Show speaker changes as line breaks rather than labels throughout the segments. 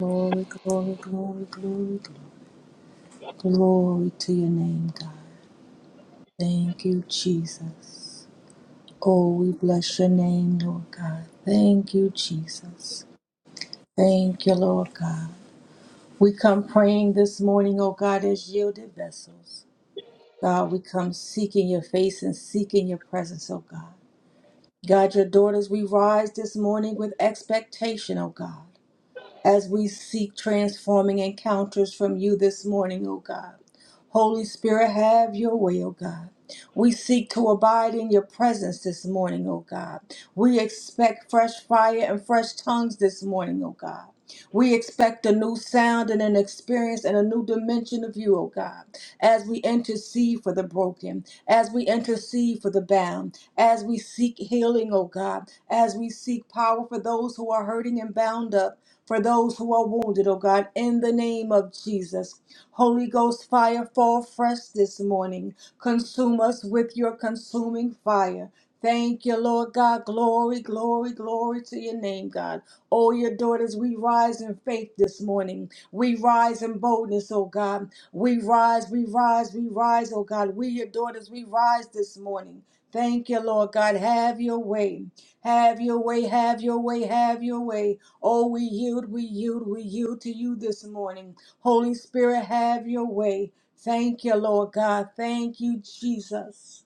Glory, glory, glory, glory, glory, glory to your name, God. Thank you, Jesus. Oh, we bless your name, Lord God. Thank you, Jesus. Thank you, Lord God. We come praying this morning, oh God, as yielded vessels. God, we come seeking your face and seeking your presence, oh God. God, your daughters, we rise this morning with expectation, oh God. as we seek transforming encounters from you this morning, O God. Holy Spirit, have your way, O God. We seek to abide in your presence this morning, O God. We expect fresh fire and fresh tongues this morning, O God. We expect a new sound and an experience and a new dimension of you, oh God, as we intercede for the broken, as we intercede for the bound, as we seek healing, oh God, as we seek power for those who are hurting and bound up. For those who are wounded, oh God, in the name of Jesus. Holy Ghost fire, fall fresh this morning. Consume us with your consuming fire. Thank you, Lord God. Glory, glory, glory to your name, God. Oh, your daughters, we rise in faith this morning. We rise in boldness, oh God. We rise, we rise, we rise, oh God. We, your daughters, we rise this morning. Thank you, Lord God. Have your way. Have your way, have your way, have your way. Oh, we yield, we yield, we yield to you this morning. Holy Spirit, have your way. Thank you, Lord God. Thank you, Jesus.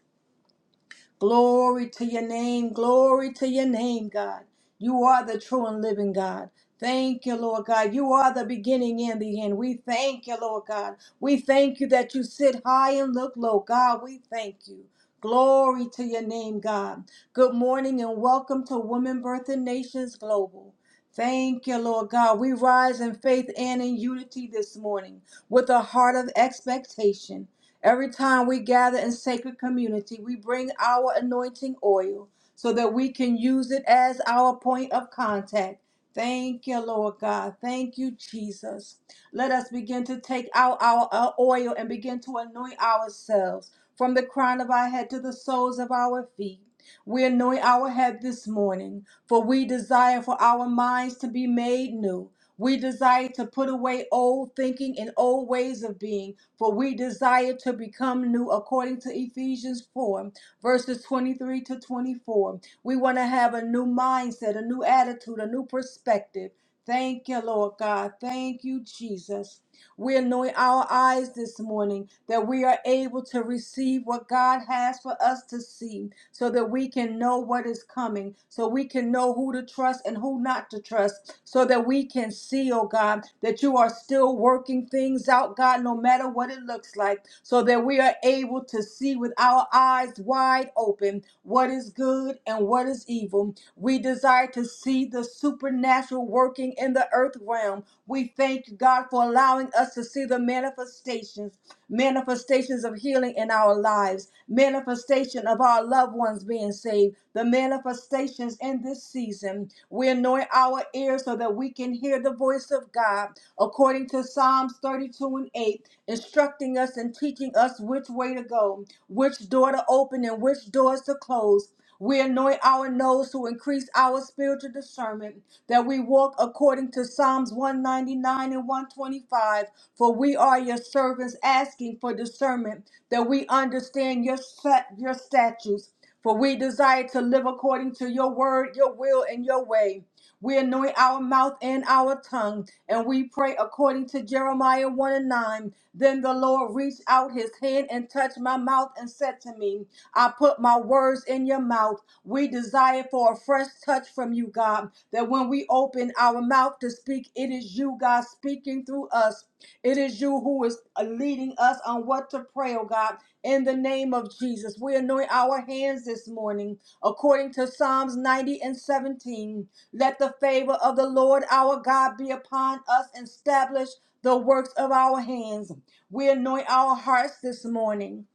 Glory to your name. Glory to your name, God. You are the true and living God. Thank you, Lord God. You are the beginning and the end. We thank you, Lord God. We thank you that you sit high and look low. God, we thank you. Glory to your name, God. Good morning and welcome to Women Birth and Nations Global. Thank you, Lord God. We rise in faith and in unity this morning with a heart of expectation. Every time we gather in sacred community, we bring our anointing oil so that we can use it as our point of contact. Thank you, Lord God. Thank you, Jesus. Let us begin to take out our uh, oil and begin to anoint ourselves from the crown of our head to the soles of our feet. We anoint our head this morning, for we desire for our minds to be made new. We desire to put away old thinking and old ways of being, for we desire to become new, according to Ephesians 4, verses 23 to 24. We want to have a new mindset, a new attitude, a new perspective. Thank you, Lord God. Thank you, Jesus. We're anointing our eyes this morning that we are able to receive what God has for us to see so that we can know what is coming, so we can know who to trust and who not to trust, so that we can see, oh God, that you are still working things out, God, no matter what it looks like, so that we are able to see with our eyes wide open what is good and what is evil evil. We desire to see the supernatural working in the earth realm. We thank you, God, for allowing us to see the manifestations, manifestations of healing in our lives, manifestation of our loved ones being saved, the manifestations in this season. We anoint our ears so that we can hear the voice of God according to Psalms 32 and 8, instructing us and teaching us which way to go, which door to open and which doors to close. We anoint our nose to increase our spiritual discernment, that we walk according to Psalms 199 and 125. For we are your servants asking for discernment, that we understand your, stat- your statutes. For we desire to live according to your word, your will, and your way. We anoint our mouth and our tongue, and we pray according to Jeremiah 1 and 9. Then the Lord reached out his hand and touched my mouth and said to me, I put my words in your mouth. We desire for a fresh touch from you, God, that when we open our mouth to speak, it is you, God, speaking through us. It is you who is uh, leading us on what to pray, oh God. In the name of Jesus, we anoint our hands this morning according to Psalms 90 and 17. Let the favor of the Lord our God be upon us and establish the works of our hands. We anoint our hearts this morning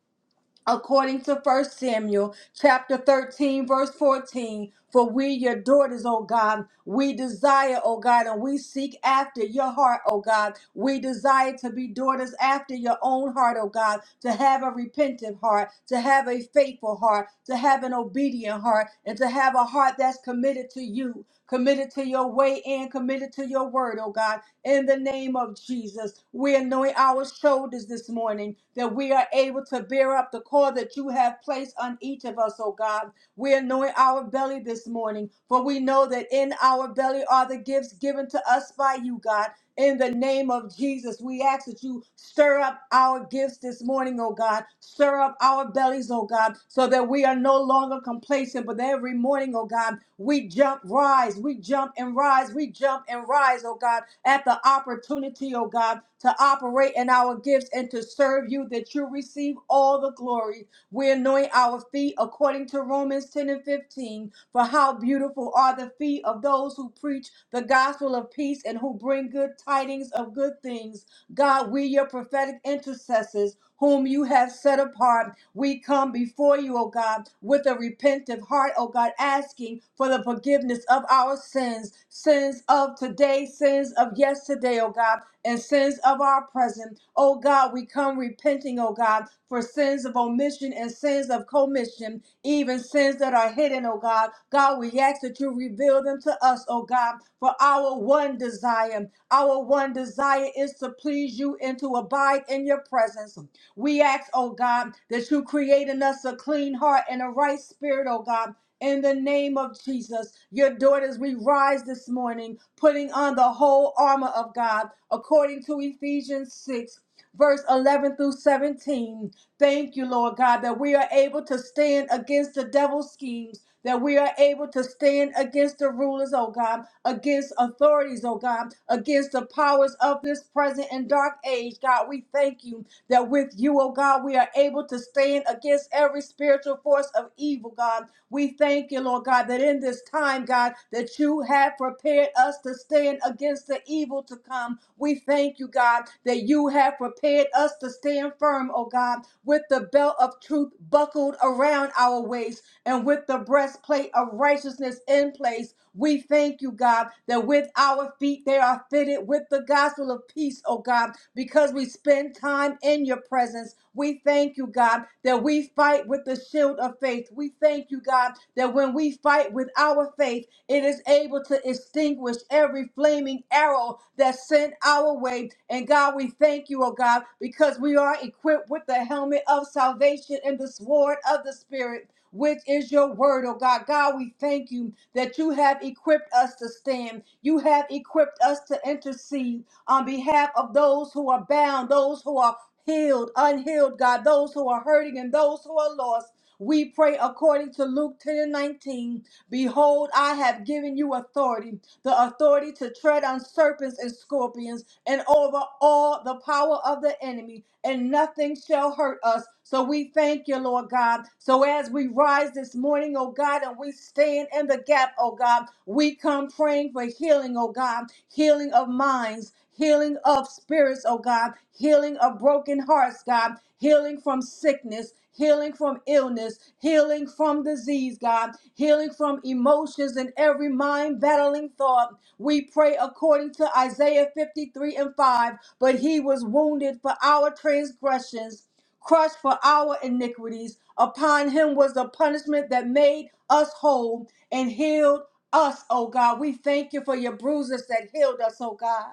according to First Samuel chapter 13, verse 14. For we, your daughters, O God, we desire, O God, and we seek after your heart, O God. We desire to be daughters after your own heart, O God, to have a repentant heart, to have a faithful heart, to have an obedient heart, and to have a heart that's committed to you, committed to your way, and committed to your word, O God in the name of Jesus. We anoint our shoulders this morning that we are able to bear up the call that you have placed on each of us, oh God. We anoint our belly this morning, for we know that in our belly are the gifts given to us by you, God. In the name of Jesus, we ask that you stir up our gifts this morning, oh God. Stir up our bellies, oh God, so that we are no longer complacent, but every morning, oh God, we jump, rise, we jump and rise, we jump and rise, oh God, at the opportunity, oh God, to operate in our gifts and to serve you, that you receive all the glory. We anoint our feet according to Romans 10 and 15. For how beautiful are the feet of those who preach the gospel of peace and who bring good tidings of good things. God, we, your prophetic intercessors, whom you have set apart, we come before you, O God, with a repentant heart, O God, asking for the forgiveness of our sins, sins of today, sins of yesterday, O God, and sins of our present. O God, we come repenting, O God, for sins of omission and sins of commission even sins that are hidden, oh God. God, we ask that you reveal them to us, oh God, for our one desire. Our one desire is to please you and to abide in your presence. We ask, oh God, that you create in us a clean heart and a right spirit, oh God. In the name of Jesus, your daughters, we rise this morning, putting on the whole armor of God, according to Ephesians 6, verse 11 through 17. Thank you, Lord God, that we are able to stand against the devil's schemes, that we are able to stand against the rulers, oh God, against authorities, oh God, against the powers of this present and dark age. God, we thank you that with you, oh God, we are able to stand against every spiritual force of evil, God. We thank you, Lord God, that in this time, God, that you have prepared us to stand against the evil to come. We thank you, God, that you have prepared us to stand firm, oh God, with the belt of truth buckled around our waist and with the breastplate of righteousness in place. We thank you, God, that with our feet they are fitted with the gospel of peace, oh God, because we spend time in your presence. We thank you, God, that we fight with the shield of faith. We thank you, God, that when we fight with our faith, it is able to extinguish every flaming arrow that's sent our way. And God, we thank you, oh God, because we are equipped with the helmet of salvation and the sword of the Spirit which is your word, oh God. God, we thank you that you have equipped us to stand. You have equipped us to intercede on behalf of those who are bound, those who are healed, unhealed, God, those who are hurting and those who are lost. We pray according to Luke 10 and 19. Behold, I have given you authority, the authority to tread on serpents and scorpions and over all the power of the enemy, and nothing shall hurt us. So we thank you, Lord God. So as we rise this morning, oh God, and we stand in the gap, oh God, we come praying for healing, oh God, healing of minds, healing of spirits, oh God, healing of broken hearts, God, healing from sickness, healing from illness, healing from disease, God, healing from emotions and every mind battling thought. We pray according to Isaiah 53 and 5. But he was wounded for our transgressions, crushed for our iniquities. Upon him was the punishment that made us whole and healed us, oh God. We thank you for your bruises that healed us, oh God.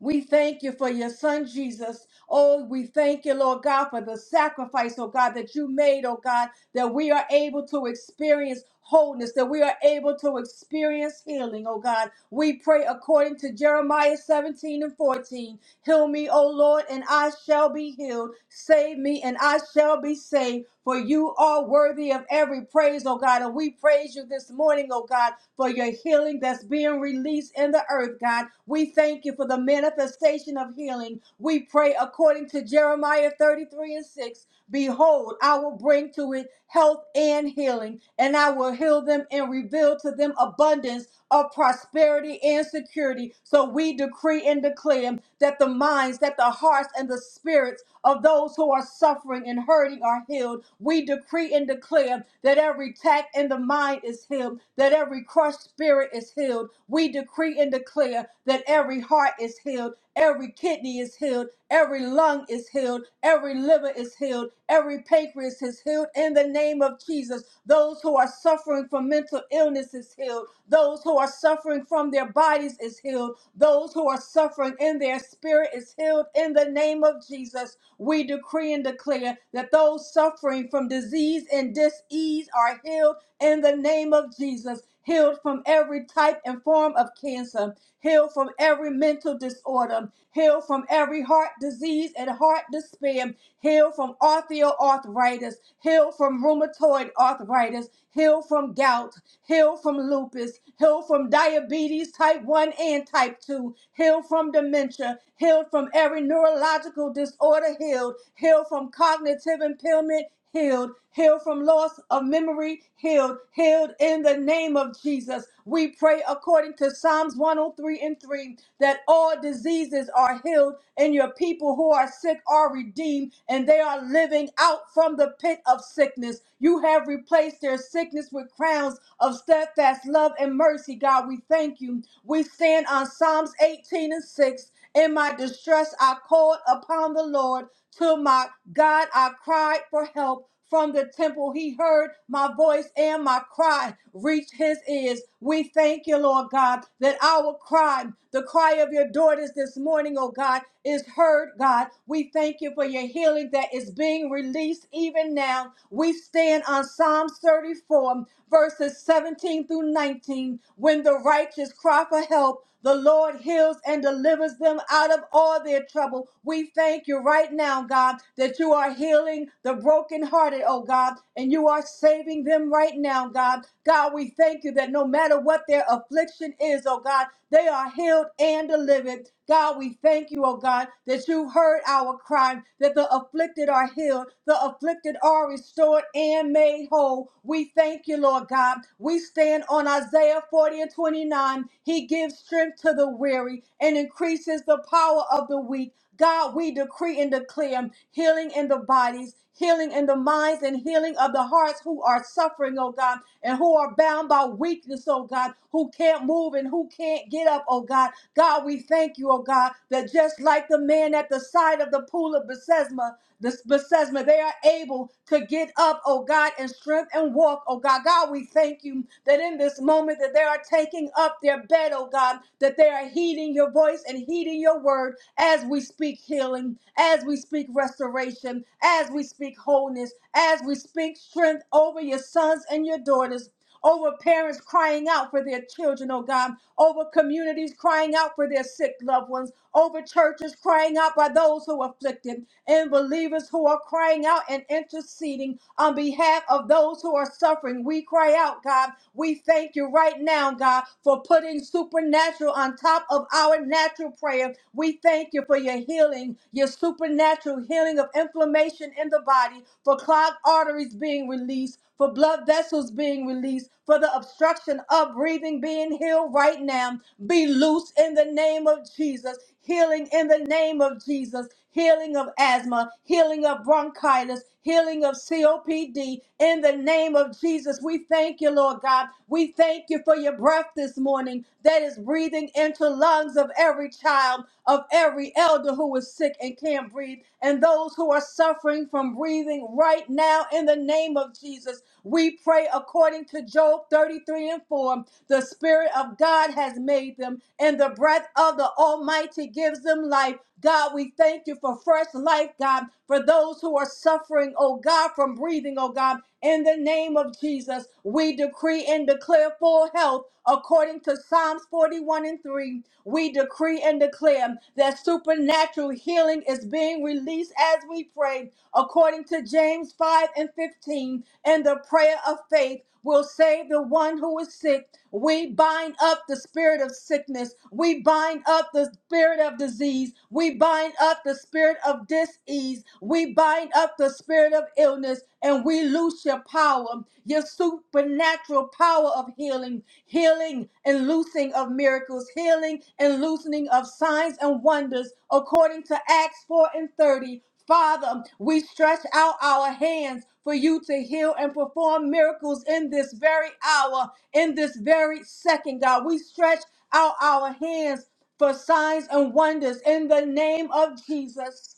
We thank you for your son, Jesus. Oh, we thank you, Lord God, for the sacrifice, oh God, that you made, oh God, that we are able to experience wholeness, that we are able to experience healing, oh God. We pray according to Jeremiah 17 and 14. Heal me, O Lord, and I shall be healed. Save me, and I shall be saved. For you are worthy of every praise, O God. And we praise you this morning, O God for your healing that's being released in the earth, God. We thank you for the manifestation of healing. We pray according to Jeremiah 33 and 6. Behold, I will bring to it health and healing, and I will heal them and reveal to them abundance of prosperity and security. So we decree and declare that the minds, that the hearts, and the spirits of those who are suffering and hurting are healed. We decree and declare that every attack in the mind is healed, that every crushed spirit is healed. We decree and declare that every heart is healed, every kidney is healed, every lung is healed, every liver is healed, every pancreas is healed in the name of Jesus. Those who are suffering from mental illness is healed, those who are suffering from their bodies is healed, those who are suffering in their spirit is healed in the name of Jesus. We decree and declare that those suffering from disease and disease are healed in the name of Jesus, healed from every type and form of cancer, healed from every mental disorder, healed from every heart disease and heart despair, healed from osteoarthritis, healed from rheumatoid arthritis, healed from gout, healed from lupus, healed from diabetes type 1 and type 2, healed from dementia, healed from every neurological disorder disorder healed, healed from cognitive impairment healed, healed from loss of memory, healed, healed in the name of Jesus. We pray according to Psalms 103 and 3 that all diseases are healed and your people who are sick are redeemed and they are living out from the pit of sickness. You have replaced their sickness with crowns of steadfast love and mercy, God. We thank you. We stand on Psalms 18 and 6 in my distress, I called upon the Lord. To my God, I cried for help. From the temple, he heard my voice and my cry reached his ears. We thank you, Lord God, that our cry, the cry of your daughters this morning, oh God, is heard, God. We thank you for your healing that is being released even even now, we stand on Psalms 34, verses 17 through 19. When the righteous cry for help, the Lord heals and delivers them out of all their trouble. We thank you right now, God, that you are healing the brokenhearted, oh God, and you are saving them right now, God. God, we thank you that no matter what what their affliction is, oh God. They are healed and delivered. God, we thank you, oh God, that you heard our cry, that the afflicted are healed, the afflicted are restored and made whole. We thank you, Lord God. We stand on Isaiah 40 and 29. He gives strength to the weary and increases the power of the weak. God, we decree and declare healing in the bodies, healing in the minds, and healing of the hearts who are suffering, oh God, and who are bound by weakness, oh God, who can't move and who can't get up, oh God. God, we thank you, oh God, that just like the man at the side of the pool of Bethesda, this Bethesda, they are able to get up, oh God, and strength and walk, oh God. God, we thank you that in this moment that they are taking up their bed, oh God, that they are heeding your voice and heeding your word as we speak healing, as we speak restoration, as we speak wholeness, as we speak strength over your sons and your daughters. Over parents crying out for their children, oh God. Over communities crying out for their sick loved ones. Over churches crying out by those who are afflicted and believers who are crying out and interceding on behalf of those who are suffering. We cry out, God. We thank you right now, God, for putting supernatural on top of our natural prayer. We thank you for your healing, your supernatural healing of inflammation in the body, for clogged arteries being released, for blood vessels being released, for the obstruction of breathing being healed right now. Be loose in the name of Jesus. Healing in the name of Jesus. Healing of asthma, healing of bronchitis, healing of COPD. In the name of Jesus, we thank you, Lord God. We thank you for your breath this morning that is breathing into lungs of every child, of every elder who is sick and can't can't breathe, and those who are suffering from breathing right now in the name of Jesus. We pray according to Job 33 and 4. The Spirit of God has made them, and the breath of the Almighty gives them life. God, we thank you for fresh life, God, for those who are suffering, oh God, from breathing, oh God. In the name of Jesus, we decree and declare full health according to Psalms 40. 41 and 3, we decree and declare that supernatural healing is being released as we pray, according to James 5 and 15. And the prayer of faith will save the one who is sick. We bind up the spirit of sickness. We bind up the spirit of disease. We bind up the spirit of disease. We bind up the spirit of illness. And we loose your power power, your supernatural power of healing, healing and loosing of miracles, healing and loosening of signs and wonders, according to Acts 4 and 30. Father, we stretch out our hands for you to heal and perform miracles in this very hour, in this very second, God. We stretch out our hands for signs and wonders in the name of Jesus.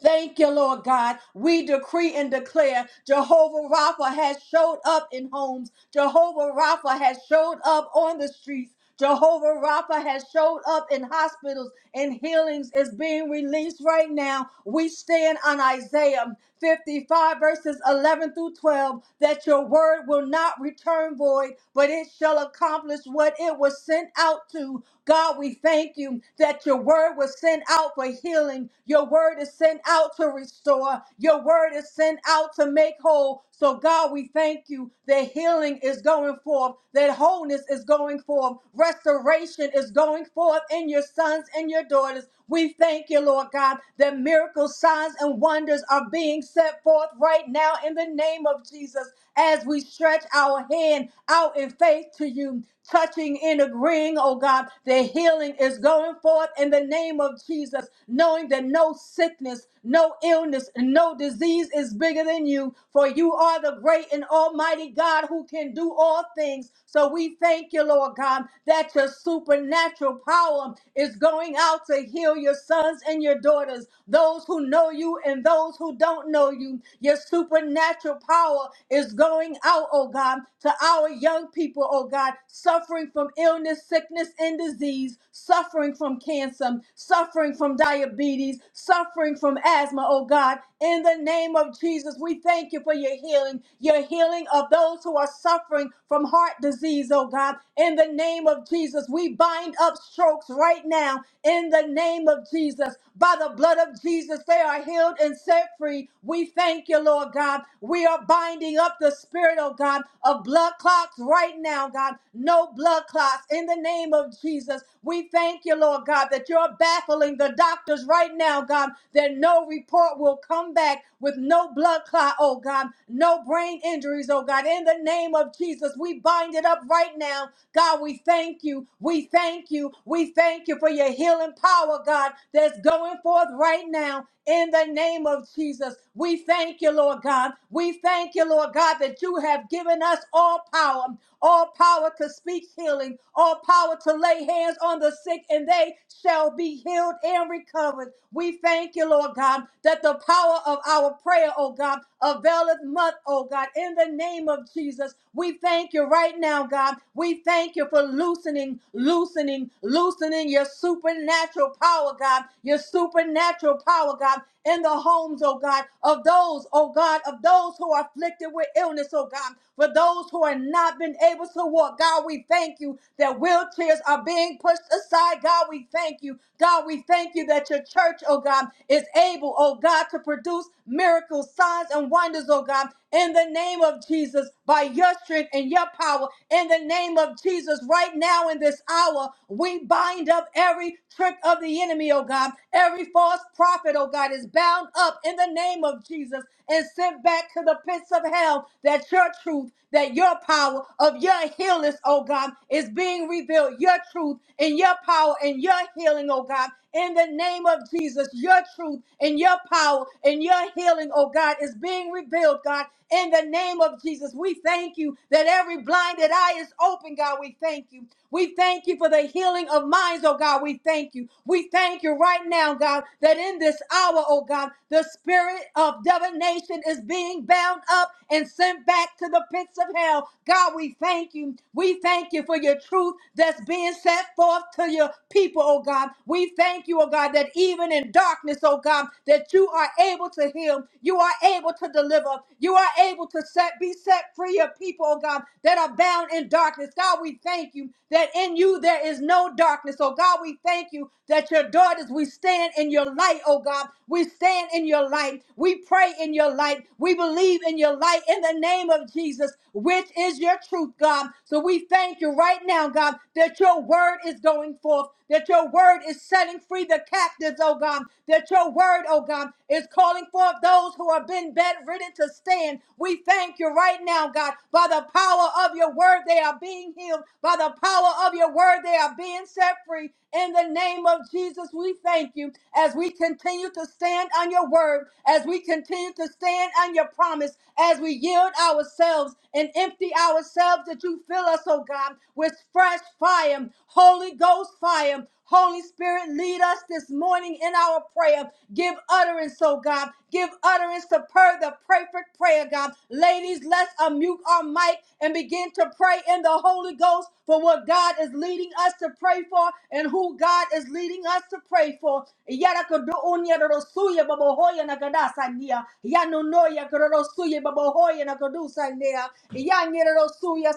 Thank you, Lord God. We decree and declare Jehovah Rapha has showed up in homes. Jehovah Rapha has showed up on the streets. Jehovah Rapha has showed up in hospitals and healings is being released right now. We stand on Isaiah 55 verses 11 through 12 that your word will not return void, but it shall accomplish what it was sent out to. God, we thank you that your word was sent out for healing healing. Your word is sent out to restore. Your word is sent out to make whole. So, God, we thank you that healing is going forth, that wholeness is going forth, restoration is going forth in your sons and your daughters. We thank you, Lord God, that miracles, signs, and wonders are being set forth right now in the name of Jesus as we stretch our hand out in faith to you, touching and agreeing, oh God, the healing is going forth in the name of Jesus, knowing that no sickness, no illness, no disease is bigger than you, for you are the great and almighty God who can do all things. So we thank you, Lord God, that your supernatural power is going out to heal heal your sons and your daughters, those who know you and those who don't know you. Your supernatural power is going out, oh God, to our young people, oh God, suffering from illness, sickness, and disease, suffering from cancer, suffering from diabetes, suffering from asthma, oh God. In the name of Jesus, we thank you for your healing, your healing of those who are are suffering from heart disease, oh God. In the name of Jesus, we bind up strokes right now. In the name of Jesus, by the blood of Jesus, they are healed and set free. We thank you, Lord God. We are binding up the spirit, oh God, of blood clots right now, God. No blood clots. In the name of Jesus, we thank you, Lord God, that you're baffling the doctors right right now, God, that no report will come back with no blood clot, oh God, no brain injuries, oh God. In the name of Jesus, we bind it up right now. God, we thank you. We thank you. We thank you for your healing power, God, that's going forth right now. In the name of Jesus, we thank you, Lord God. We thank you, Lord God, that you have given us all power all power to speak healing, all power to lay hands on the sick, and they shall be healed and recovered. We thank you, Lord God, that the power of our prayer, oh God, availeth much, oh God, in the name of Jesus. We thank you right now, God. We thank you for loosening, loosening, loosening your supernatural power, God, your supernatural power, God, in the homes, oh God, of those, oh God, of those who are afflicted with afflicted with illness, oh God. For those who have not been able to walk, God, we thank you that wheelchairs are being pushed aside. God, we thank you. God, we thank you that your church, oh God, is able, oh God, to produce miracles, signs, and wonders, oh God, in the name of Jesus, by your strength and your power, in the name of Jesus, right now in this hour, we bind up every trick of the enemy, oh God, every false prophet, oh God, is bound up in the name name of Jesus and sent back to the pits of hell that your truth, that your power of your healing, oh God, is being revealed. Your truth and your power and your healing, oh God, in the name of Jesus, your truth and your power and your healing, oh God, is being revealed, God, in the name of Jesus. We thank you that every blinded eye is open, God. We thank you. We thank you for the healing of minds, oh God. We thank you. We thank you right now, God, that in this hour, oh God, the spirit of divination is being bound up and sent back to the pits of hell. God, we thank you. We thank you for your truth that's being set forth to your people, oh God. We thank you, oh God, that even in darkness, oh God, that you are able to heal, you are able to deliver, you are able to set be set free of people, oh God, that are bound down in darkness. God, we thank you that in you there is no darkness. Oh God, we thank you that your daughters, we stand in your light, oh God. We stand in your light. We pray in your light. We believe in your light in the name of Jesus, which is your truth, God. So we thank you right now, God, that your word is going forth, that your word is setting free the captives, oh God, that your word, oh God, is calling forth those who have been bedridden to stand. We thank you right now now, God. By the power of your word, they are being healed. By the power of your word, they are being set free. In the name of Jesus, we thank you as we continue to stand on your word, as we continue to stand on your promise, as we yield ourselves and empty ourselves that you fill us, oh God, with fresh fire, Holy Ghost fire, Holy Spirit, lead us this morning in our prayer. Give utterance, oh God. Give utterance to per the perfect prayer, God. Ladies, let's unmute our mic and begin to pray in the Holy Ghost for what God is leading us to pray for and who God is leading us to pray for. Yarakadonya rosuya babohoya nagadasania. Yanonoya korosuya babohoya nagadusania. Yanyerosuya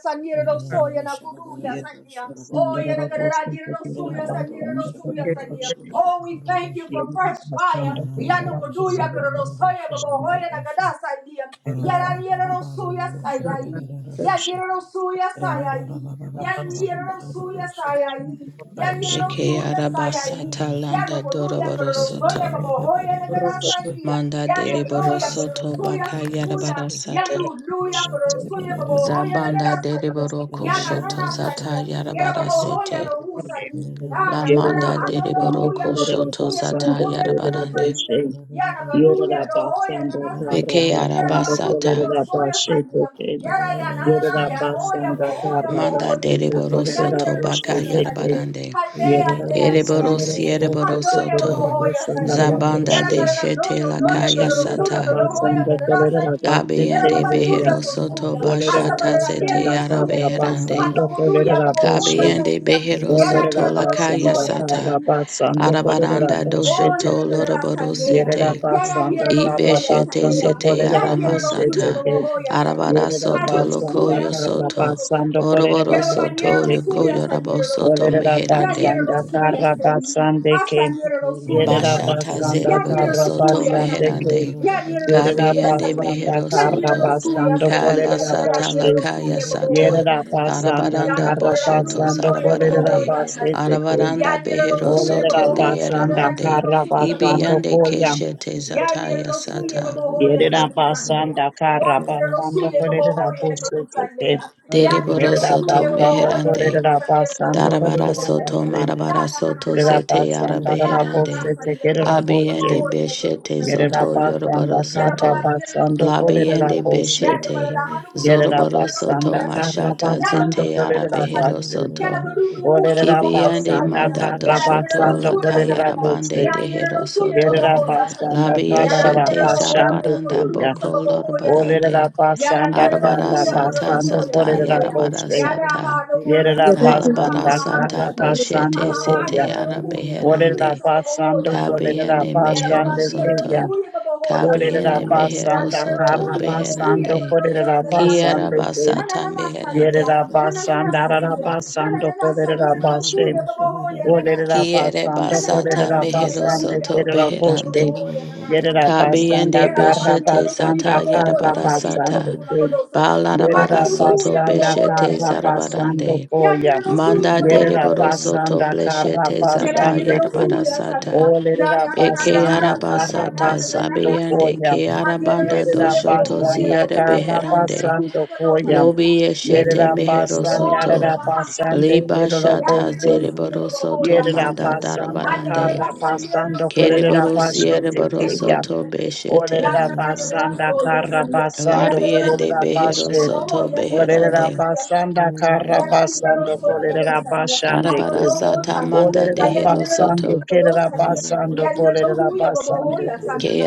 Karma,
sanyerosoya
Rosha,
naguduya
Yet
sania.
the
Oh,
Cinderella was taken in a bank from the Federation.
Oh, we thank you for
Yet
fresh
the
fire.
Sandra Federal was
Yanukuduya,
taken in a
karanosoya, babohoya, nagadasania.
bank from the
Yaraniranosuya,
Federation.
sayai. Yaniranosuya,
The Lapas in the Federation in the Washington.
Deke arabasata
Ya no
landa
conuya, pero Yano Koduya Kodoroskoya
doroborosoto.
Yet the
Babohoya
Federation
Nagadasandia,
Manda
in
Yano Noya
deriborosoto
Kodoroskuya
baka
Ya
yarabarasata.
no Luya Kodoroskuya
Thank
Babohoya
Zabanda
the
Nagadasandia,
Federation
deriboroko
Yana
shoto
taken.
Nana
zata
Sandia, Yara Babohoya
yarabarasete.
no Husani,
La
Ana Nara
manda
Ya no
Yerabasanda
Hoya
deriboroko shoto
Kodoroskuya
zata
Karabasando
Babohoya Nana
yarabarande.
Sandia, Yana Koduya no usa ni. Ah, no
Beke
no no no joya, pero
arabasata.
los suya, como joya, no na sangría. Ya no conuya, no joya, no na sangría. Ya Hoya Nana Sandia, Yara ya Kodorosoya Sandia, Yara Yana Nana Hoya Bahoya
Manda
Bahoya.
deriborosoto
Yandero
baka
suyo sande,
yarabarande.
hande ande ande
Ereborosi
ande,
Russia,
handoya babo
ereborosoto.
hoya
Colera
sandia,
Zabanda
yara
de
karara no
shete
no no ya
lakaya
karara suno
sata.
to no hoya karara sandia, yara
Abiyande
baba nuya
Behero
so
Soto
suya,
Bashata Zete
no
Yara
suya nira,
Beherande.
hando kuduya babo
Boshe,
hoya
Kabiyande
sandia,
Behero
yara
Soto
niya karara
Lakaya
Olerabasanda
soya
Sata.
sandia,
Karabasando
Arabaranda
Oh,
Polerabashete,
ya no
Doshoto
quiero la
Loroboro
sandía.
Sete.
Ya la
Yerabasanda
quiero no soy la
Ibeshete
sandía.
Karabasando
Zete
Ya
Yara
quiero no soy la
Polerabushete,
Masata.
mojoya sandía.
Arabara
Hacho
Soto
tu
Yerabasanda
suya,
Lokoyo
su suya,
Soto.
su
Karabasando
suya.
Oroboro
Quiero bañero
Soto
no
Polerabushete,
suya,
Yokoyo
sandía
Rabo
no
Soto
suya. Ya
Meherande.
quiero no
Olerabasanda
suya, sandía.
Karabasande
A
came,
sandía no suya, sandía.
Bashata
Yerabasanda
Ya
Zeriboro
quiero no
Soto
suya,
Karabasande
sandía.
came,
Meherande.
Ya quiero no suya,
Kabiende
sandía.
Yerabasanda
mehero
Ya quiero
soto.
no suya,
Karabasando
sandía.
Kaila
Ya
Shut
sata
quiero
la
no
Polerabushete,
kaya
suya,
sata.
mojoya sandía.
Yerabasanda
Ya
Arabaranda boshoto
Karabasando
zarabarande.
Polerabushete,
Arabaranda behero soto
Olerera basanda
lieramande.
kara basanda
Ibiande
koya.
keshete zataya sata.
Yerera basanda kara basanda kolerera busete.
Shama
Deriboro
Yerera
soto
basanda
meherande.
kolerera basanda
Darabara
kolerera
soto
basen.
marabara soto
Yerera
zete yara
basanda rara
Yana na
beherande.
nasa
busete
yere lo
kerera
kumba ba
Abiende
busete.
hoi na gudu
beshete
na na
Yerera
soto
nasa
basanda
yorobaro
yere
kara
baba
soto.
yere lo
basanda
kumba sa
kolerera
Labiende
yere
busete.
yada bara
beshete.
da hanu gudu sa
Yerera
Zorobaro
yere
soto
basanda
sa yere
kara
mashata
yada
basanda
gudu
zete yara
kumba
kolerera
sa
behero
yere
basen.
yada
soto.
gudu du hu sa ba
Olerera
ba
Kibiende
sa
basanda
yere
mandato
kara
yada yere lo
soto
basanda
kumba sa
kolerera
lakayara
yere
bande
busete.
yada yere lo
dehero
kumba ba
soto.
Yerera
sa yere
basanda
yada
karara
yere
Labieshete
lo
basanda
na
zarabaranda
gudu du
kuya.
sa ba
boko
ba
Olerera
lorobarande.
basanda
Arabara
karra
Hallelujah.
sata
basanda
zata
korera
yarabara
boşve.
sata.
Yerera
Alabara
basanda karra
sata
basanda
boshete sete
kuya.
ara
Olerera
beherande.
basanda korera
Kabiene mehero
basanda kuya.
soto.
Olerera
Kabiene mehero
basanda
soto
karra basanda
beherande.
korera
Kiara
basanda kuya.
basata meherande.
Yerera basanda rara basanda korera boşve. Olerera
Kiere
basanda
basata
kolerera
mehero
basanda
soto
kerera boşbe.
beherande.
Yerera basanda
Kabiende
Yena baba
karra
yena
beshete
no suya
basanda
sata
baba
karra
hoya
yarabara
sa yena no
basanda
sata.
suna
kere.
godo
Russia,
sani. Haji
Balarabara
Yerera
no
soto
suya baba
basanda
hoya na
beshete
karra
kada rasani.
basanda
zarabarande.
Yan yena
koya.
no suya
Manda
baba
Yerera
hoya na
deriboro
kada
soto
basanda
rasani.
karra
bleshete
Yena
zata
yena
basanda
no
kere.
yarabara
suya sani.
sata.
Ya
Olerera
ya na na
Eke
na na na
basanda
na na na
karra
na
arabasata
na na
basanda
sani.
zabeyende
koya.
ke
An yena no
arabanda
Yerera
suya baba
doshoto
hoya na
basanda
ziere
godo yena
karra
na yena
beherande.
no suna
basanda
godo
koya.
Lobi
sani.
eshete
Yerera basanda
Oh, ya
meherosoto.
karra
baba hakandı.
basanda
Ina
Liba
na
kerera
na ba
Yer
shata
ba ba
boşbe.
yerine
ba
su ya baba ho
zereborosoto
ya
Yerera
manda
sandı.
basanda
Hadi böyle
darabarande.
karra
ba
da
ba
sen
ba.
yerine
basando
su ya
korerera
sen
Ina na ba
başlete
ya
teya.
Kereborosiereborosoto
sandı.
beshete.
Orerera
Yarına kadar da
basanda
o ya
karra
you.
sandı. Yere
basando
kadar da
Labiende
korerera
ya
başlete.
baba
beherosoto
ya sen
Orerera
beherande.
ya sandı.
basanda
Yeah,
karra basando korerera başande kö.
Arabarasata manda
Orerera basando
deherosoto.
kerera basando korerera basande kö.
Ke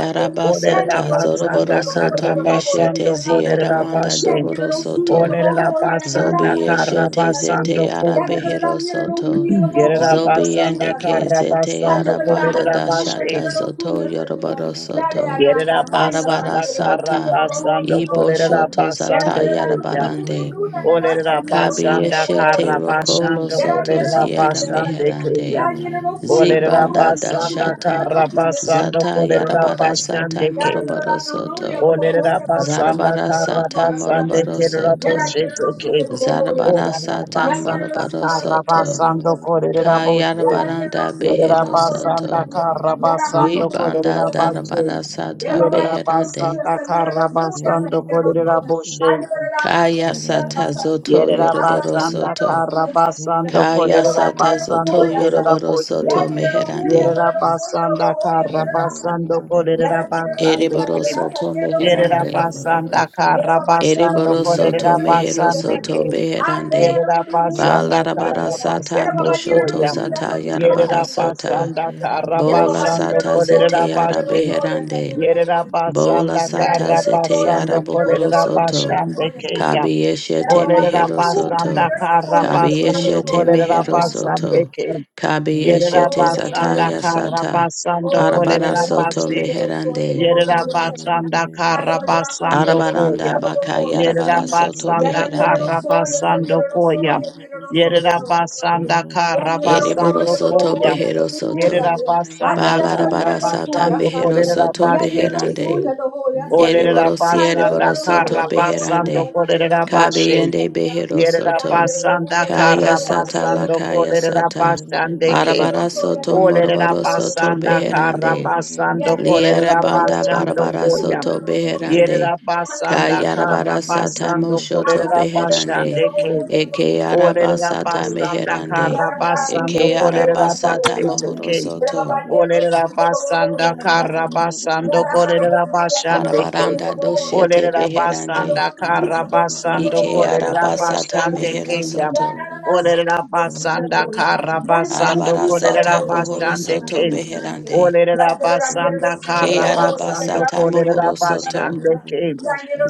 Orerera
arabasata
basanda karra
zoroborosoto
basando
meshete ziere
korerera
manda
başlete.
dohorosoto.
Orerera basanda
Zobi
karra
yeshete zete
basando koya.
arabehero soto.
Yerera
Zobi
basanda
yendeke
kara
zete
basando
Hajakarada
ba
arabanda
kolerera
ba ba
Hanakutu
ba
and
bashe.
dashata
Miro
ba.
zoto
Suya and Leon,
Ina na na
yoroboro
na
soto.
Ladiana,
Yerera
Laya,
Arabara
basanda
Santiago
kara
Suya,
sata.
basando
Baboya,
Ibo
kolerera
Babusan,
shoto
Thank
zata
basando
you.
Yanakarada,
kuya.
yarabarande.
Nanasa,
Olerera
Miro
Kabi
Suya,
basanda
yeshete
Baboya,
kara
Santia,
rokolo
basando
soto
Yaniro
kolerera
ziyara
Suya,
basando
Santia,
kuya.
meherande.
Yaniro Suya,
Olerera
Zibanda
Baboya,
basanda
Babusan,
dashata.
Miro
kara
Suya, the
basando
Catalan,
Zata
Miro,
kolerera
yarabara
basando
sata
kuya.
Yanakarada,
moroboro
Nunuria,
soto.
Baboya,
Olerera
Baboya,
basanda
Zarabara
kara
sata
Baboya,
basando
moroboro
Baboya,
kerera
Yada
soto.
boshe
yerero suya
tuke.
bobo ya
Zarabara
sende.
Olerera
sata
Yada yerero
basanda
moroboro
suya ta
kara
yerero
soto.
suya
basando
sende.
kolerera boshe.
Yada yerero
Kayarabaranda
suya
Yerera
behero
bobo
na
ya
basanda
soto.
sende.
kara
Yada hado
basando
kubu
Ribanda
kolerera
ya
bashe.
sende.
darabara
Yada
sata
baba
Yerera
yerero
beherande.
suya
basanda
sende yerero
kara
suya
na
basando
sende yerero
kolerera
suya.
na
boshe.
Hadi böyle daha hado
Kaya
Yeah,
sata
suya sende.
zoto
Yerera
Hasta
yoroboro
sende
basanda
yerero
soto.
kara
suya sende.
basando
Kaya
ya baba
kolerera
sata
yerero
zoto
basande
suya
kerera
sende.
yoroboro
boshe.
soto
Yada yerero suya
meherande.
Yerera
yerero suya
basanda
bobo ya
kara
yerero sende.
basando kolerera
Yada yerero
basande
suya
Ereboro
ke.
yerero sa
soto
yerero Thank
Yerera
meherande.
basanda kara basando
Ereboro soto
kolerera
mehero
basande
soto
ke.
beherande.
Yerera basanda
Balarabara
kara
sata
basando
boshoto
koya.
zata yarabara
Yerera
sata.
basanda kara
Bola
basando
sata
kolerera
zete ara
bashe.
beherande.
Yerera
Bola
basanda
sata
kara
zete ara
basando
bohoro
kolerera
soto.
bashande keya.
Kabi yeshete
Olerera
mehero
basanda
soto.
kara
Kabi
basando
yeshete
kolerera
mehero
basande
soto.
ke.
Yeah.
Kabi
Yerera
yeshete zata
basanda
ya
you.
kara
sata.
Oh,
basando
your
Arabara
kolerera
soto
bashe.
your
meherande.
Yerera
send.
basanda
Has the last and
karabasando
you
Arabaranda
koya.
will
baka
go your
Yerera
yarabara
send.
soto
Yan
basanda
and your
beherande.
soul, yes, a
karabasando
little soul,
koya.
and Your soul, you
Yerera
will go Sunday.
basanda
Yan your soul,
Ereboro
you
karabasando
will
soto
go
koya.
your
behero
Sabu
soto.
Yerera
Sunday. Has the
basanda
last and
Balarabara
your soul,
sata
yes,
karabasando
mehero
Sunday.
korera
soto
Yan Your
basete.
beherande.
soul, you will go your Sunday.
Olerera
Ereboro
And there
basanda
siereboro
are who you
soto
will go your
karabasando
beherande.
korera bashe.
Kabeyende
Sunday.
behero
Yerera
Yan
soto.
Your little soul,
basanda
soul, soul.
Kaya
karra
soul, soul,
sata la
basando
kaya
soul. soul,
kolerera
soul,
sata.
Hallelujah.
basande ke.
Arabara soto
Olerera
moroboro soto
basanda karra
beherande.
Yeah,
basando
Liere
kolerera
banda
basando
barabara
Russia,
koya.
soto beherande.
Yerera basanda
Kaya
karra
arabara sata
basando
Thank
moshoto
kolerera
beherande.
basande ke.
Eke araba
Olerera
sata
basanda
meherande.
karra basando
Eke araba
kolerera
sata
basete
mohoro
ke.
soto.
Olerera basanda karra basando kolerera basandeke.
Arabaranda doshete
Olerera
beherande.
basanda karra basando
Ike
kolerera
araba sata mehero
basandeke ya.
soto.
Olerera basanda karra basando
Arabara
kolerera
sata bohoro soto
basandeke.
beherande.
Olerera basanda
Ke
karra
araba
you.
basando
sata
kolerera
mohoro soto.
basandeke.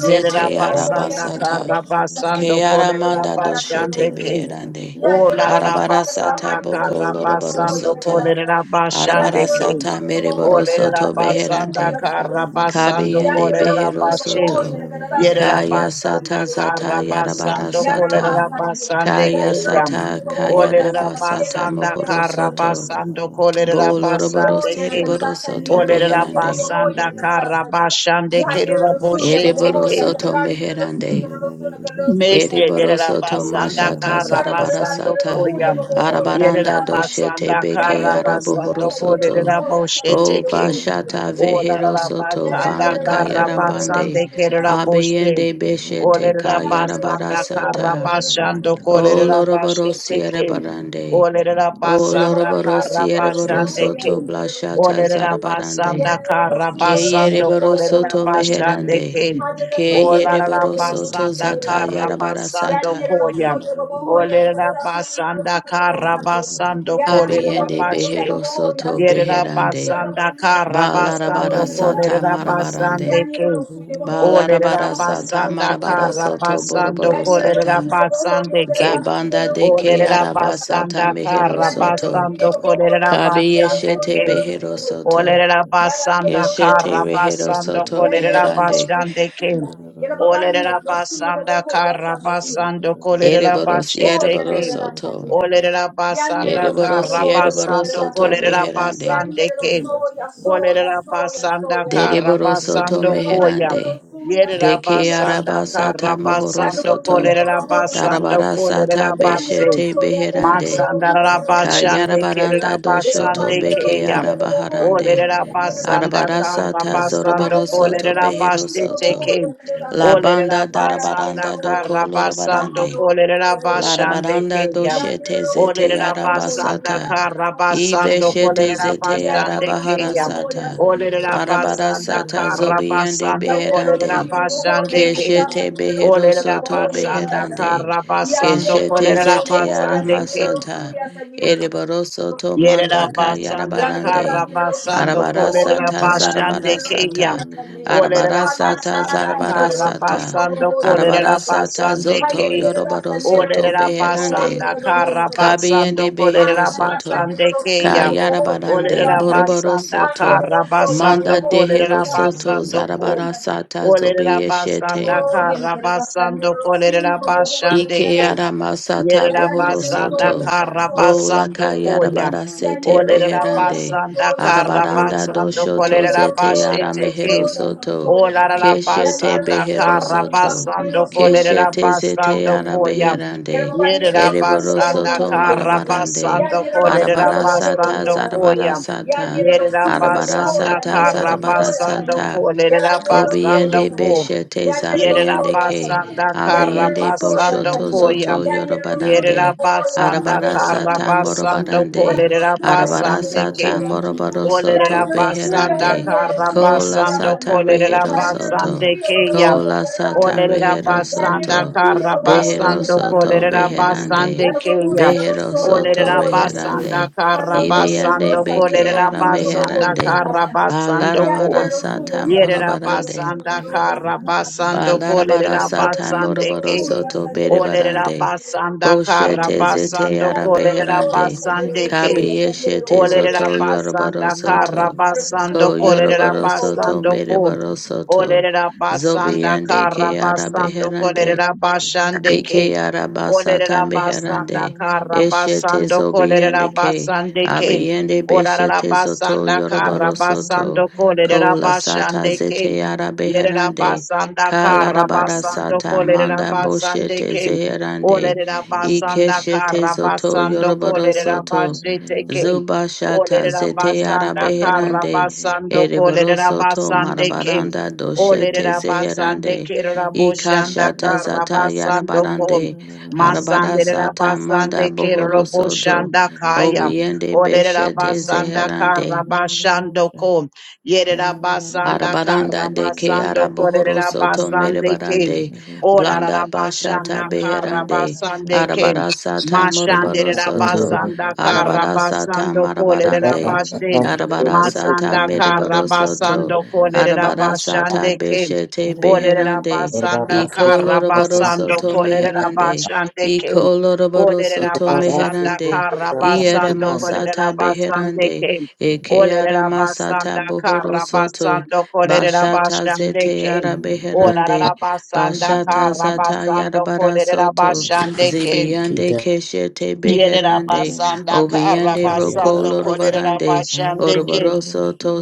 Yerera
araba
Baba
basanda
sata.
Baba
karra
Ke
basando kolerera
aramanda doshete
basandeke.
beherande.
O la ra ra
Arabara sata
basanda
boko
kara
loroboro
basando
soto.
kolere ra
Arabara
basande ke.
sata
O
mereboro
lere ra
soto
basanda
beherande.
kara basando
Kabiyende
kolere ra
behero
bashe.
soto.
Yere ra
Kaya sata
basanda
zata
kara
yarabara
basando kolere
sata.
ra basande ke
Kaya
yam.
sata
O
kaya
lere ra
raba sata
basanda
mohoro
kara
Baba
soto
Yeah,
basando kolere ra
boloroboro
Oh,
basande
yana
ke.
sereboro
kararasa
O
soto
nira
lere ra
rasuya
beherande
babaho yana
basanda
kararasa
kara
nira.
basande
Yana
ke
nira
ra
rasuya
boshe te
babaho
ereboro
ke.
yana
soto
kararasa nira rasuya
meherande
kararasa nira kararasa nira
Meshe
ereboro soto
Gerabasanda
rasuya
mashata
yana
Baba
zarabara
kararasa
Karabasando
nira
You
sata
rasuya
Koya.
babaho yana
arabaranda
kararasa nira.
doshete
Yerabasanda
beke
Yana nira rasuya
arabohoro
Karabasando
sa nira
soto
Koya.
rasuya sa suya
o
Boshete
rasuya nira
vashata
rasuya.
vehero
Olerera
soto
Yana
basanda
vana
nira
kaya
karra
rasuya babaho
rabande
yana
basande
kararasa
kerera
nira.
boşte.
abeyende beshete
Olerera
kaya rabara
basanda karra
sata
basando
o
kolerera
loroboro
başte tekin.
sierebarande
Olerera
O
basanda karra
Lorobarosi
basande
Ereboroso to
kin.
Blashata
Olerera
Zarabarande.
basanda karra
Ke
basando
Yereboroso
kolerera
to
Yeah,
başande
Meherande.
kin.
Hajada
Ke
Sanyo
Olerera
Soya the
Yereboroso
Buddha
to
basanda
Sanyo
Zata
karra
Soya. Yan
basando
Yarabarasata.
Nero
koya.
Soya the Bohoya and the
Olerera
Rasanyo
basanda
Sanyo.
karra basando
Yada
kolerera
Abiende
Hanabodu
başte.
Beheroso
Sabahoya
to
Sanyo.
Yerera
Beherande.
basanda kara
Ba
basando
Larabarasata
kolerera
Yeah,
Marabarande.
basande ke.
Yeah.
Ba
Olerera
Larabarasata
basanda kara
Marabarasoto
basando kolerera
Boroborosata.
basande ke.
Zabanda
Daniel
de Ke
Olerera
Arabasata
basanda kara
Ya no los
Meherosoto.
basando
quiero, no voy
kolerera
a
Kabi
saciar, yo
basande
soy
Yeshete
el
ke.
otro de los amigos.
Beherosoto.
Olerera
Ya la quiero,
basanda
no soy
Keshete
la
kara
rehero
saciar.
basando
soto
Ya no
kolerera
los
meherande.
soy con
basande kem.
Cecilia. Ya la papá ni el
Olerera
dos ciego, no
basanda
voy a
kara
saciar.
basando kolerera
Ereboros
Oh
basete
yereboros
kem.
Yanero
soto.
Olerera basanda
Ereboros
kara
yereboros
basando
soto
kolerera
beherande.
basande kem. Olerera basanda kara
dereboro soto
basando koya.
meherande.
Yerera
Deke
basanda
arabasata
kara
mohoro
Yandere
basando
soto.
kolerera basando
Darabarasata
kolerera basem.
beshete beherande.
Masanda rabashande kerera
Kayarabaranda
Thank
doshoto
basande
beke
keya.
arabaharande.
Olerera basanda
Arabara
kara
sata
basando
zoroboro soto
kolerera
behero
baste
soto
teke.
La banda
Olerera
darabaranda
basanda
doko
kara
lorobarande.
basando kolerera basande
Larabaranda
keya.
doshete zete
Olerera basanda
yarabasata.
kara basando
Ibeshete
kolerera
zete
basande keya.
yarabaharasata.
Olerera basanda
Arabarasata
kara
zobiende
basando
beherande.
kolerera basande keya.
Keshete behero
Olerera
soto
basanda
beherande.
kara basando
Keshete
kolerera
zete
basande keya.
aramasata. Ereboro soto
Yerera
mandaka
basanda kara
yarabarande.
basando kolerera
Arabarasata
basande keya.
zarabarasata.
Olerera
Arabarasata
basanda kara
zarabarasata.
basando kolerera
Arabarasata
basande
zoto
ke.
yoroboro soto
Olerera
beherande.
basanda kara
Yanagara
Kabiyende
basando
you.
behero
kolerera
soto.
basande keya.
Thank
Kayarabarande
Olerera
boroboro
basanda
soto.
kara
Manda
basando
dehero
kolerera
soto
basando ko.
zarabara sata
Olerera
zobiyeshete.
basanda kara basando kolerera basande
Ike
ke.
yara masata bohoro
Yerabasanda
soto. Bola
Karabasando
kayara
Koyam.
barasete beherande.
Olerabasanda
Arabaranda
Karabasando
doshoto zete
Kolerabashi
yara mehero
Tekim.
soto. Keshete
Olarabasanda
behero soto.
Karabasando
Thank
Keshete
you.
zete
Kolerabasando
yara
Koyam.
Thank
beherande. Ereboro
Yerabasanda
soto marabarande.
Karabasando
Arabarasata
Kolerabasando Koyam.
zarabarasata.
Yerabasanda
Arabarasata
Karabasando
zarabarasata.
Kolerabasando
Kobiende
Koyam.
beshete
Yerera
zabiende ke
basanda karra
abiende
basando
boshoto
koya.
zoto
you.
Yerera
yorobadande
Yeah.
basanda
arabarasa
karra
ta
basando
morobadande
kolerera basande
arabarasa ta
ke.
morobado soto
Olerera basanda
beherande
karra
kola
basando
sata
kolerera
rehero soto
basande keya.
kola sata
you.
Olerera
rehero
Yeah,
basanda
soto
karra
behero
basando
soto
kolerera
beherande
basande keya.
behero soto
Olerera basanda
reherande
karra
ibiande
basando
beke
kolerera
ara
basanda
meherande
karra basando
Balarabara satan
Yerera
morobarande.
basanda kara basando
Balarabara
kolerera
satan
basande
morobaro
ke.
soto
Olerera
berebarande.
basanda kara
Boshete zete
basando kolerera
arabeherande.
basande ke.
Kabiyeshete zoto
Olerera
yorobaro
basanda kara
soto.
basando
Ko
kolerera
yorobaro soto
Yeah.
basando kon.
merebaro soto.
Olerera basanda
Zobiande
kara
ke
basando
arabeherande.
kolerera basande ke.
Ike arabasata
Olerera basanda
meherande,
kara
eshete
basando kolerera
zobiende ke,
basande ke.
abiende
Olerera
beshete zoto
basanda kara
yoroboro soto,
basando kolerera
kola sata
basande ke.
zete
Yerera
arabeherande,
basanda kara
kalarabara
basando
sata
kolerera
manda
basande
boshete
ke.
zeherande,
Olerera basanda
ikeshete
kara
zoto
basando
yoroboro
kolerera
soto,
basete ke.
zubashata
Olerera
zete
basanda kara
arabeherande,
basando
ereboro
kolerera
soto
basande kim.
marabaranda doshete
Olerera
zeherande,
basande kerera boshanda
Ikashata
kara
zata
basando kom.
yarabarande. Arabara
Masanderera
sata manda
basande kerera
bohoro soto.
boshanda kaya.
Obiende
Olerera
beshete
basanda
zeherande.
kara basando kom. Yerera basanda kara
Arabaranda de ke
basando
araboro
kolerera
soto
basande kim.
merebarande blanda
Olerera basanda
bashata
kara
beherande
basande kim.
arabarasata moroboro
Mashandere
Kita
soto
Rabasanda
arabarasata
Karabasando Kolere
marabarande
Rabashe
arabarasata
Masanda
mereboro soto
Karabasando Kolere
arabarasata
Rabashande Kim
beshete
Olere
beherande
Rabasanda
ikoloroboro
Karabasando
soto
Kolere
meherande
Rabashande Kim
ikoloroboro
Olere
soto
Rabasanda
meherande
Karabasando Kolere
ieremasata
Rabasande
beherande
Kim
eke
Olere
aramasata
Rabasanda
bohoro soto
Karabasando Kolere
Bashata
Rabashande
zete
Kim
yara
Ola
beherande.
Rabasanda
Bashata zata yara
Karabasando
bara
Kolere
soto.
Rabashande Kim
Zibiande keshete
Yerera
beherande.
basanda
Obiande
Yeah.
kandiyara
roko
karabasando
rabasa
kolerera
lorobarande.
Thank
bashandeke.
Oroboroso to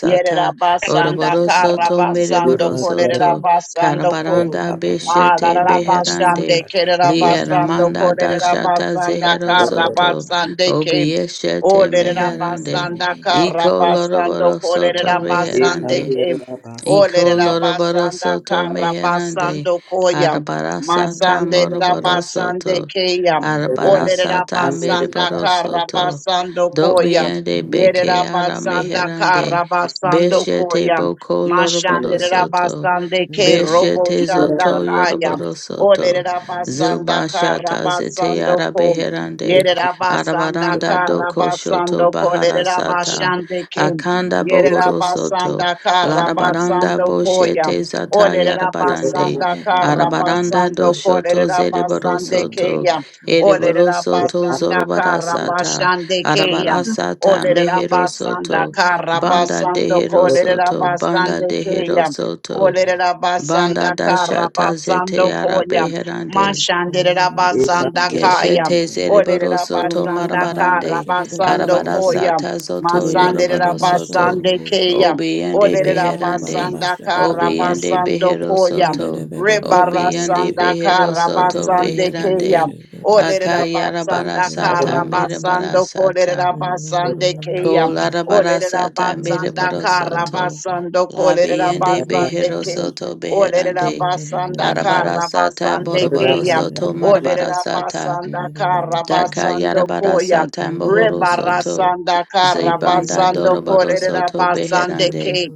Yerera basanda
Oroboroso
kara
to
basando
mereboroso
kolerera
to.
basando ko.
Karabaranda
abaso
beshete
kotor
Alarara
rabasa
basande
beherande.
kata
kerera basando
Lieramanda
kolerera
dashata
basanda kara
zeherosoto, soto.
basande ke.
Obieshete
Olerera
meherande.
basanda kara
Iko
basando
loroboro soto
kolerera
e
reherande.
basande ke.
kandiyara rabaso
Olerera
Ikoloroboro
basanda
soto
kara
meherande.
basando koya.
Arabara sata
Masande la
moroboro
basande
soto.
keya.
Arabara
Olerera
sata
basanda
meriboro
kara
soto.
basando koya.
Dobiende beke ara
Yerabasanda
meherande.
Karabasando
Beshete
Koyam.
boko loroboro soto.
Mashandirabasande K Robo
Beshete
Shanda
zoto
Kayam.
yoroboro soto.
Olerabasanda
Zuba shata zete
Karabasando
ara
Kom.
beherande.
Yerabasanda
Arabaranda doko shoto
Karabasando
bahara sata.
Kolerabashande Kim.
Akanda bohoro soto.
Yerabasanda
Larabaranda
Karabasando
boshete
Koyam.
zata yarabarande.
Olerabasanda
Arabaranda
Karabasando
doshoto
Kolerabasande
zereborosoto.
Kayam.
you.
Ereborosoto
Olerabasanda
zorobarasata.
Karabashande
Get
Kayam.
Arabarasata
Olerabasanda
meherosoto. Banda
Karabasando
deherosoto. Banda
Kolerabasande Kaya.
deherosoto. Banda
Olerabasanda
dashata zete
Karabasando Koya.
arabeherande.
Mashanderabasanda Kaya.
Keshete zereboro soto
Olerabasanda
marabarande
Karabasando
arabara
Koya.
sata zoto yoroboro soto
Masanderabasande Kaya.
obiyande beherande
Olerabasanda
obiyande
Karabasando
behero
Koya.
soto obiyande
Rebarasanda
behero soto
Karabasande Kaya.
beherande
Olerera
akayarabara
basanda
sata
kara basando
merebara
kolerera
sata
basande keya.
kolarabara
Olerera
sata
basanda
mereboro
kara
soto
basando kolerera
labiyande
basande
behero
keya.
soto
Olerera
beherande
basanda
arabara
kara
sata
basande
boroboro
keya.
soto
it
marabara
Olerera
sata
basanda
Yine
kara
Daka
basando
yarabara
koya.
sata mohoro
Rebara
soto.
sanda kara
Zibanda
basando
doroboro
kolerera
soto
basande
beherande.
keya.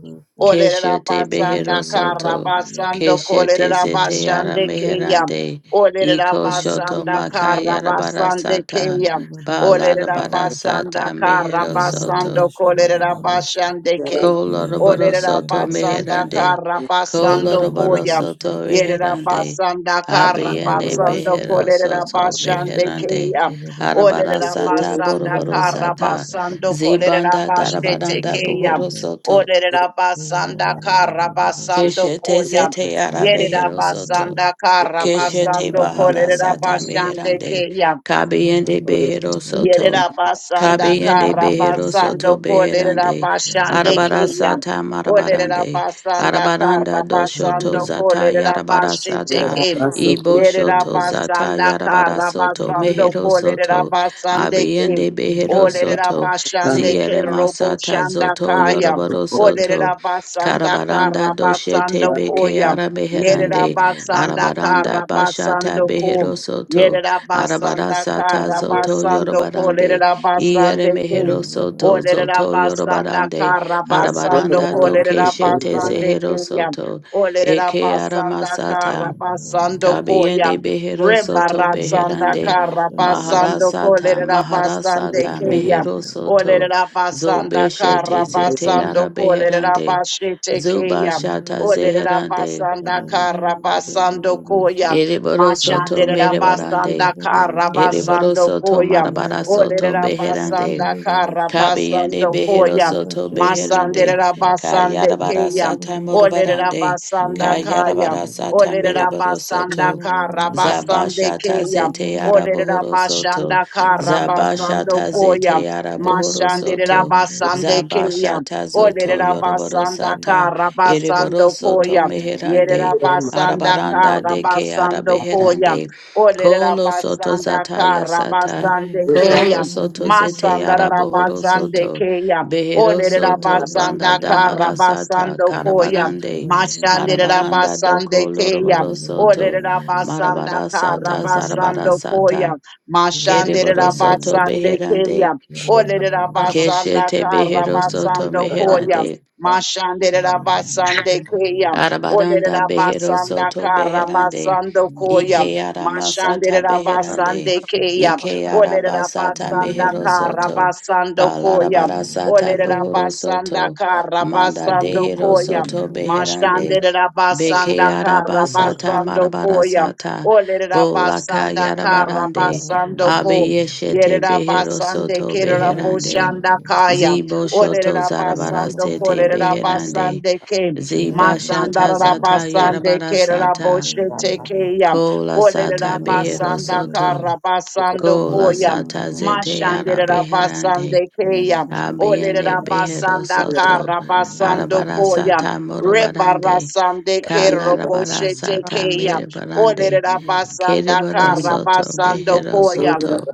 Olerera
Keshete
basanda
behero
kara
soto.
basando
Keshete
kolerera
zete yara
basande keya.
meherande.
Olerera
Iko shoto
basanda
maka yarabara
karabasande
sata.
keya. Olerera
Balarabara sata
basanda
mehero soto.
karabasando kolerera basande ke.
Colorado
Olerera
Soto
basanda
Meherande,
karabasando
Colorado
koya.
Soto
Yerera
Meherande,
basanda
Abiende
karabasando
Behero
kolerera
Soto
basande
Beherande,
keya.
Arabara
Olerera
Sata
basanda
Boroboro Sata,
karabasando kolerera
Zibanda
basete
Darabaranda
keya.
Buhoro Soto,
Olerera basanda karabasando
Keshete
koya.
Zete
Yerida
Arabehero Soto,
basanda kara
Keshete
basando
Bahara
kolerida
Sata
basande
Meherande,
keya.
Kabiende
Thank
Behero Soto,
Yerabasanda
Kabiende Behero Soto
Karabasando Kolera
Beherande,
Bashande
Arabara
Kiyam.
Sata
Olera
Marabarande,
Basanda
Arabaranda Doshoto
Karabasando
Zata
Kolera
Yarabara
Bashete
Sata,
Kim.
Ibo Shoto Zata
Yerabasanda
Yarabara Soto,
Karabasando
Mehero
Kolera
Soto,
Hallelujah.
Basande Kim.
Abiende Behero
Olera
Soto,
Bashande
Ziere
Kerobo
Masata
Shanda
Zoto
Kaya.
Yorobaro Soto,
Olera Basanda
Karabaranda Doshete
Karabasando
Beke
Koya.
Arabeherande,
Yerabasanda
Arabaranda bashata
Karabasando Kom.
behero soto.
Yerera basanda
Arabarasata
kara
zoto
basando
yorobarande.
kolerera
Iere
basande ke.
mehero soto
Olerera
zoto
basanda
yorobarande.
kara basando
Arabaranda
kolerera
dokeshete
basande
zehero
ke yam.
soto.
Olerera
Eke
basanda kara
aramasata.
basando
Tabiende
koyam.
behero soto
Rebaratsanda
beherande.
kara basando
Maharasata,
kolerera basande
maharasata,
ke yam.
mehero soto.
Olerera basanda
Zobeshete
kara
Yeah.
zete
basando kolerera
arabeherande.
basete ke
zuba
yam.
shata
Olerera
zeherande.
basanda kara basando koyam.
Eriboro soto
Mashandere
merebarande.
Rabasanda
Eriboro
Karabasando
soto
Koya.
marabara
Olere
soto beherande.
Rabasanda
Kabiende
Karabasando
behero
Koya.
soto
Masandere
beherande.
Rabasande
Kayarabara
Keya.
sata
Olere
morobarande.
Rabasanda Kaya.
Kayarabara sata
Olere
mereboro
Rabasanda
soto.
Karabasande
Zabashata
Keya.
zete
Olere
yarabohoro soto.
Rabasanda Karabasando
Zabashata zete
Koya.
yarabohoro
Mashandera
soto.
basande keya.
Zabashata zoto
Olera
yoroboro
basanda
sata.
kara
Ereboro
basando
soto
koya. Yerera
meherande.
Thank
basanda
Arabaranda
kara
deke
basando koya.
arabeherande.
Olera
Kolo soto
basanda
zata
kara
yasata.
basande
Kolo
keya.
soto zete
Masanda
yara bohoro
rabasande
soto
keya.
behero
Ole
soto banda
rabasanda
dahara sata
karabasando koya.
karabarande
Masande
arabaranda
rabasande
doko
keya.
loroboro
Ole
soto
rabasanda
marabara sata zarabara
karabasando koya.
sata
Mashande
kereboro soto
rabasande keya.
beherande
you.
Ole rabasanda
keshete behero soto
karabasando
Thank
koya.
meherande
Mashande rabasande keya. Ole
Arabaranda behero
rabasanda
soto beherande.
karabasando koya.
Ike
Mashandere
aramasata beherande.
Rabasande Kea,
Ike
Olere
arabasata
Rabasanda
mehero soto.
Karabasando Koya,
Balarabarasata
Olere
bohoro
Rabasanda
soto. Manda
Karabasando
dehero
Koya,
soto beherande.
Mashandere
Beke
Rabasanda
you.
arabasata
Karabasando Koya,
marabarasata.
Olere
Bolaka
Rabasanda
Shut
yarabarande.
Karabasando Ko,
Abiyeshete
Yere
behero
Rabasande
soto
Kera
beherande.
Boshanda Kaya,
Zibo
Olere
shoto
Rabasando
zarabarasete
Kolere
beherande.
Rabasande Ke,
Ziba shata zata
Matsandarabasande
yarabara sata.
keraboshetekeya.
Kola sata behero
Olerabasanda
soto.
karabasando
Kola
koya.
sata zete yara beherande.
Mashanderabasande keya.
Abiende behero
Olerabasanda
soto.
karabasando
Arabara
koya.
sata morobarande.
Rebarasande
Kalarabara sata
keroboshetekeya.
merebarande.
Olerabasanda
Kerebaro soto
karabasando
behero
koya.
soto.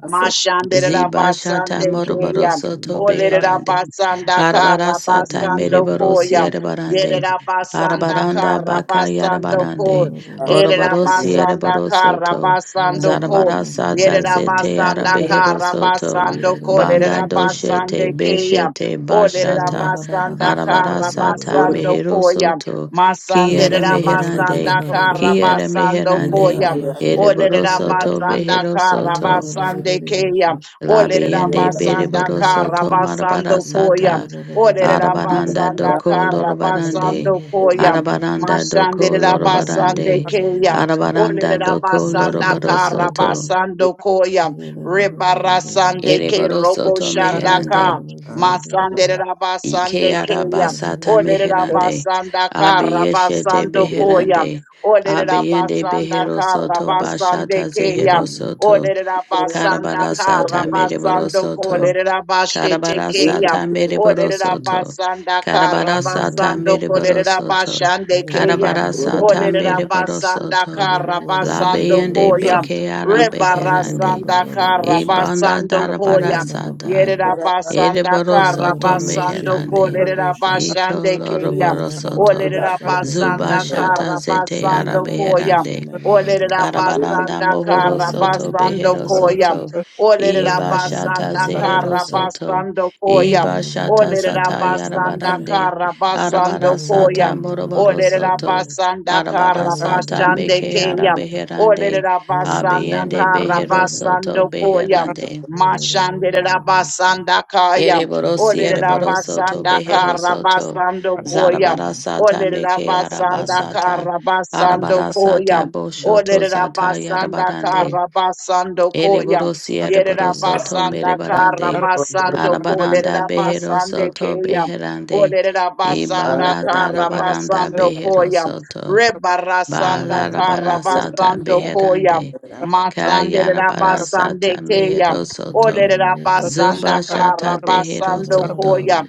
Ziba shata
Mashanderabasande
morobaro
keya.
soto beherande.
Olerabasanda
Arabara
Thank
sata
you.
karabasando
mereboro
koya.
siere barande.
Yerabasanda
Arabaranda baka
Karabasando
yarabarande.
Kor.
Oroboro siere
Yerabasanda
boro soto.
Karabasando Kor.
Zarabara sata zete
Yerabasanda
arabehero soto.
Karabasando Kor.
Banda doshete
Yerabasande Kiyam.
beshete
O
Orora
bashata.
baba baba
Yerabasanda
shaba
Arabara sata
baroroshe.
Karabasando
mehero
Koyam.
soto.
Masande
Kiere
Ororororora baba
meherande.
Yerabasanda
baroroshe.
Kiere
Karabasando
Irera
meherande.
Koyam.
baba
O
shaba
Ereboro soto
berereroshe.
Yerabasanda
behero soto.
Irera baba
Karabasande Kiyam.
berereroshe.
O
Irera
Labiende
baba
Yerabasanda
Beriboro Soto
berereroshe.
Marabara
Karabasando Koyam.
Irera
Sata
baba berereroshe. Irera baba
Olerera
Arabaranda
berereroshe.
basanda
Doko
kara
Irera
Lorobarande
basando
baba
koya.
berereroshe.
Arabaranda Doko
Mashanderera
Irera baba
basande
Lorobarande
keya.
berereroshe.
Arabaranda
Olerera
Doko
basanda
Irera
Loroboro
kara
baba
Soto
berereroshe.
basando koya.
Irera baba
Rebara sande
berereroshe.
ke
Ereboro
robo
Soto
shanda
Irera
Meherande
ka. Masanderera
Ike
basande keya.
Arabasata
Olerera
Meherande
basanda kara
baba
Abiyeshete
basando koya.
Beherande
Olerera
Abiyende
basanda
Behero
kara
Soto Bashata
basande keya.
Zehero
berereroshe.
Soto
Olerera basanda
Karabara
kara
Sata
Rosha,
Meriboro
basando
Soto
kolerera basete
Karabara
keya.
sata meriboro
Olerera
soto.
basanda kara
Karabara sata
basando
meriboro
kolerera
soto.
bashande keya.
Karabara sata
Olerera
meriboro
basanda
soto.
kara
La
basando
beyende
koya.
beke ara
Rebara
beherande.
sanda kara
Ibanda
basando
darabara
koya.
sata.
Yerera
ere
basanda kara
soto
basando
meherande.
kolerera
Iko
bashande keya.
loroboro soto.
Olerera
Zuba
basanda
shata
kara
zete ara
basando koya.
beherande.
Olerera
Karabaranda
basanda
Bohoro
kara
Soto
basando
Behero
koya.
Soto
Olerera
Iba Shata
basanda
Zehero
kara
Soto
basando koya.
Iba Shata
Olerera
Zata
basanda
Yarabarande
kara basando
Arabara
koya.
Sata Moroboro
Olerera
Soto
basanda
Arabara
kara
Sata
basande
Meke
keya.
Arabeherande
Olerera basanda
Abiende
kara
Behero Soto
basando koya.
Beherande
Mashanderera basanda kaya.
Ereboro
Carbo,
Olerera
Siereboro Soto
basanda
Behero
kara
Soto
basando koyam.
Zarabara Sata
Olerera
Meke
basanda
Arabasata
kara basando
Arabara
koya.
Sata Boshoto
Olerera
Zata
basanda
Yarabarande
kara basando koya.
Ereborosi
Yerera
ereboroso to
basanda kara
merebarande.
basando
Arabaranda
Yerabasanda
beheroso to beherande.
Karabasando
Ibanda
kara
darabaranda
basando Olerabasanda
Thank
beheroso to.
rebara Koyam. kara
Balarabarasata
you.
basando Koyam.
beherande.
Ora
Masande Rabasande
Kayarabarasata
Kayam.
meheroso to.
Olerera basanda
Zubashata
kara basando
deheroso to.
koya.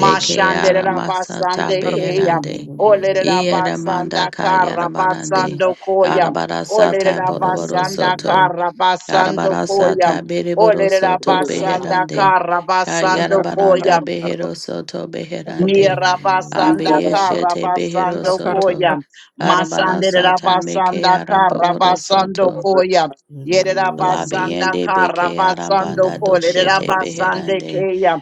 Mashandera basande keya.
beherande.
Olerera basanda
Ieramanda
kara
kayarabarande.
basando koya.
Arabarasata
Olerera
boroboroso
basanda
to.
kara basando koya.
Arabarasata Beriboro
Olerera
Soto
basanda
Beherande.
kara basando koya.
Kayarabaranda Behero Soto Beherande.
Nirabasanda
Abiyeshete Behero
Karabasando
Soto.
Koya. Masande
Arabarasata Meke
Rabasanda
Araboro
Karabasando
Soto.
Koya. Yerabasanda
Labiende Beke
Karabasando
Arabanda
Koya.
Doshete
Yerabasande
Beherande.
Kaya.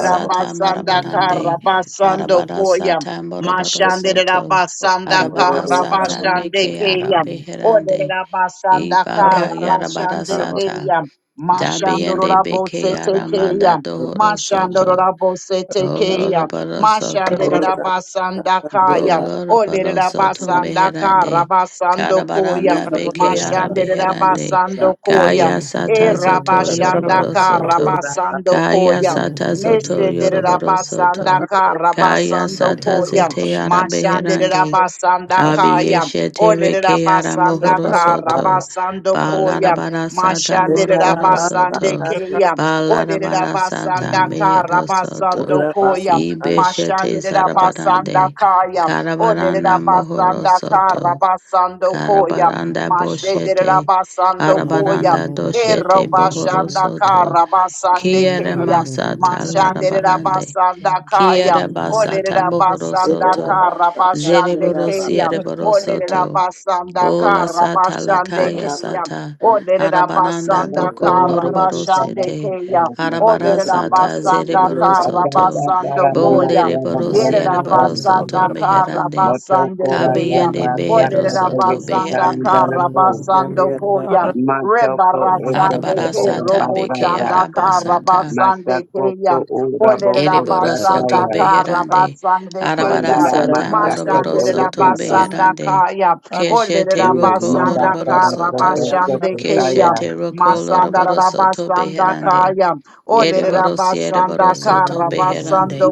you. Russia,
Marabarande.
Karabasando Koya.
Arabarasata Moroboro
Mashande
Soto.
Rabasanda
Arabarasata
Karabasande
Meke
Kaya.
Arabeherande.
Olerabasanda
Ibaka
Karabasande
Yarabarasata.
Kaya. Mashando
Dabiende beke
Rabose
aramanda
Tekeya.
dohoro soto.
Mashandororabosetekeya.
Koloroboro soto.
Mashandererabasandakaya.
Boloroboro soto meherande.
Olererabasandakarabasandokaya.
Karabaranda beke arabeherande.
Mashandererabasandokoya.
Kaya
E
sata zoto yoroboro
rabashandaka
soto. Kaya
rabasandokoya.
sata zoto
Mesedere
yoroboro
rabasanda
soto.
ka
Kaya
rabasando
sata
koya.
zete
Mashandere
arabeherande.
rabasanda kaya.
Abiyeshete
Olere
reke ara
rabasanda
mohoro
ka
soto.
rabasando
Balara
koya.
bara sata
Mashandere
moroboro
rabasande
soto.
Shakar
keya.
Balara
Olere
bara sata
rabasanda ka
mehero
rabasando
soto.
koya.
Ibeshete
Mashandera basanda
zarabarande.
kaya, olerera
Karabaranda mohoro
basanda kara
soto.
basando koya,
Karabaranda
mashandera
boshete.
basando koya,
Arabaranda
ero
doshete bohoro
basanda
soto.
kara basande
Kiere
keya,
masata
mashandera
larabarande.
basanda kaya,
Kiara basata
olerera
mohoro
basanda
soto.
kara basande
Zereboro
keya,
siereboro
olerera
soto.
basanda
Ola
kara
sata
basande
lakaya
keya,
sata.
olerera
Arabananda
basanda
boko
kara
loroboro
basande
sete.
keya.
Arabara
Olerera
sata
basanda
zereboro
kara
soto.
basando
Bo
koya.
lereboro
Yerera
siereboro soto
basanda kara
meherande.
basande keya.
Kabiende behero
Olerera
soto
basanda
beherande.
kara
Thank
basando koya. Rebara sande
Arabara
ke
sata
robo
beke
sanda kara
arabasata.
basande keya. Olerera
Ereboro
basanda
soto
kara
beherande.
basande
Arabara
keya.
Mandara
sata
Masaka
moroboro
Soro
Mashandera
soto
piti.
basanda
beherande.
kaya,
Keshete
olera
roko
Mandara
basanda
loroboro
Masaka
soto.
Soro Piti,
Mashanderabasandakaya. Olerabasandakarabasandekeya.
Keshete roko loroboro soto beherande.
Masandarabasandakaya.
Ereboro siereboro
Thank
soto beherande.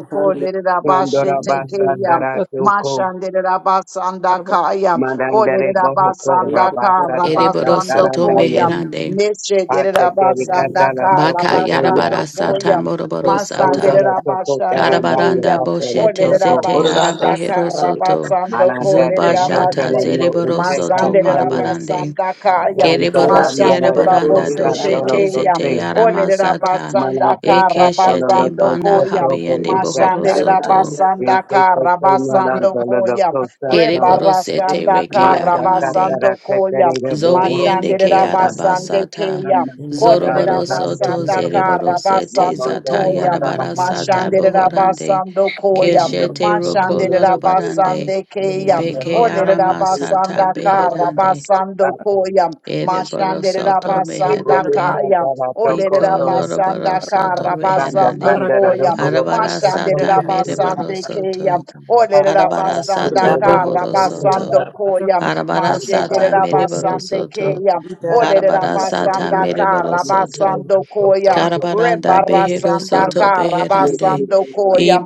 Mandara Basatara Tuko,
Mashanderabasandakaya.
Mandandere bohoko rabasa
Ereboro soto
Olerabasandakarabasandokoya.
tatarandayo
meherande.
Neshe
ateteri kandala toko
Baka
toya
yarabara sata
derabasandakarabasandokoya.
moroboro
Masandere
sata.
kondola toko
Rabashande
tarandayo
Karabaranda
Kaya,
katola
boshete
Olere
toko
zete
Rabasanda
arabehero soto.
Karabasando Ko, Lere
malandate
Zubashata
Rabase,
kestela no
zereboro
use
soto
Masandere
katayo
marabarande.
Rabasanda Kaya,
Kereborosiere
kondarandala
Mashandoro
toko
baranda
Rabose
katolo
doshete
Tekaya,
zete
kose
Olere
yaramasata.
Rabasanda
malade katolo
Ekeshete
Karabasando
loko
banda
Koya,
soto bo
habiende
usata
Mashandere
bohorosoto.
Rabasanda
yeke teke
Karabasando
nalandolo
Koya,
loko sato
Kereborosete
Rebarasanda
reke
mata
yaramande.
Karabasando
tatara
Koya,
tetere de boro
Zobiende
Mashandere
ke
Rabasande
yarabasata.
Thank
Kaya, Olerera
Zoroborosoto
basanda kara
zereborosete
basando
zata
koya.
yarabarasata
Mashanderera
bohorande.
basando koya.
Keshete roko
Mashanderera
lorobarande.
basande keya.
Beke
Olerera
yaramasata
basanda kara
beherande.
basando koya. Mashanderera
Ereborosoto
Araka
basanda
meherande.
kaya. Olerera
Iko loro
basanda
Soto
kara basando
Reherande.
koya.
Arabara
Mashanderera
Sata mere
basande keya.
Soto.
Olerera
Arabara
basanda
Sata
kara
Bohoro Soto.
basando koya.
Arabara Sata
Mashanderera
mere
basande
Soto.
keya.
Arabara Sata
Olerabasanda
Mereboro Soto.
Karabasando Koya.
Karabaranda Behero
Rebarasanda
Thank
Soto Beherande.
Karabasando Koya.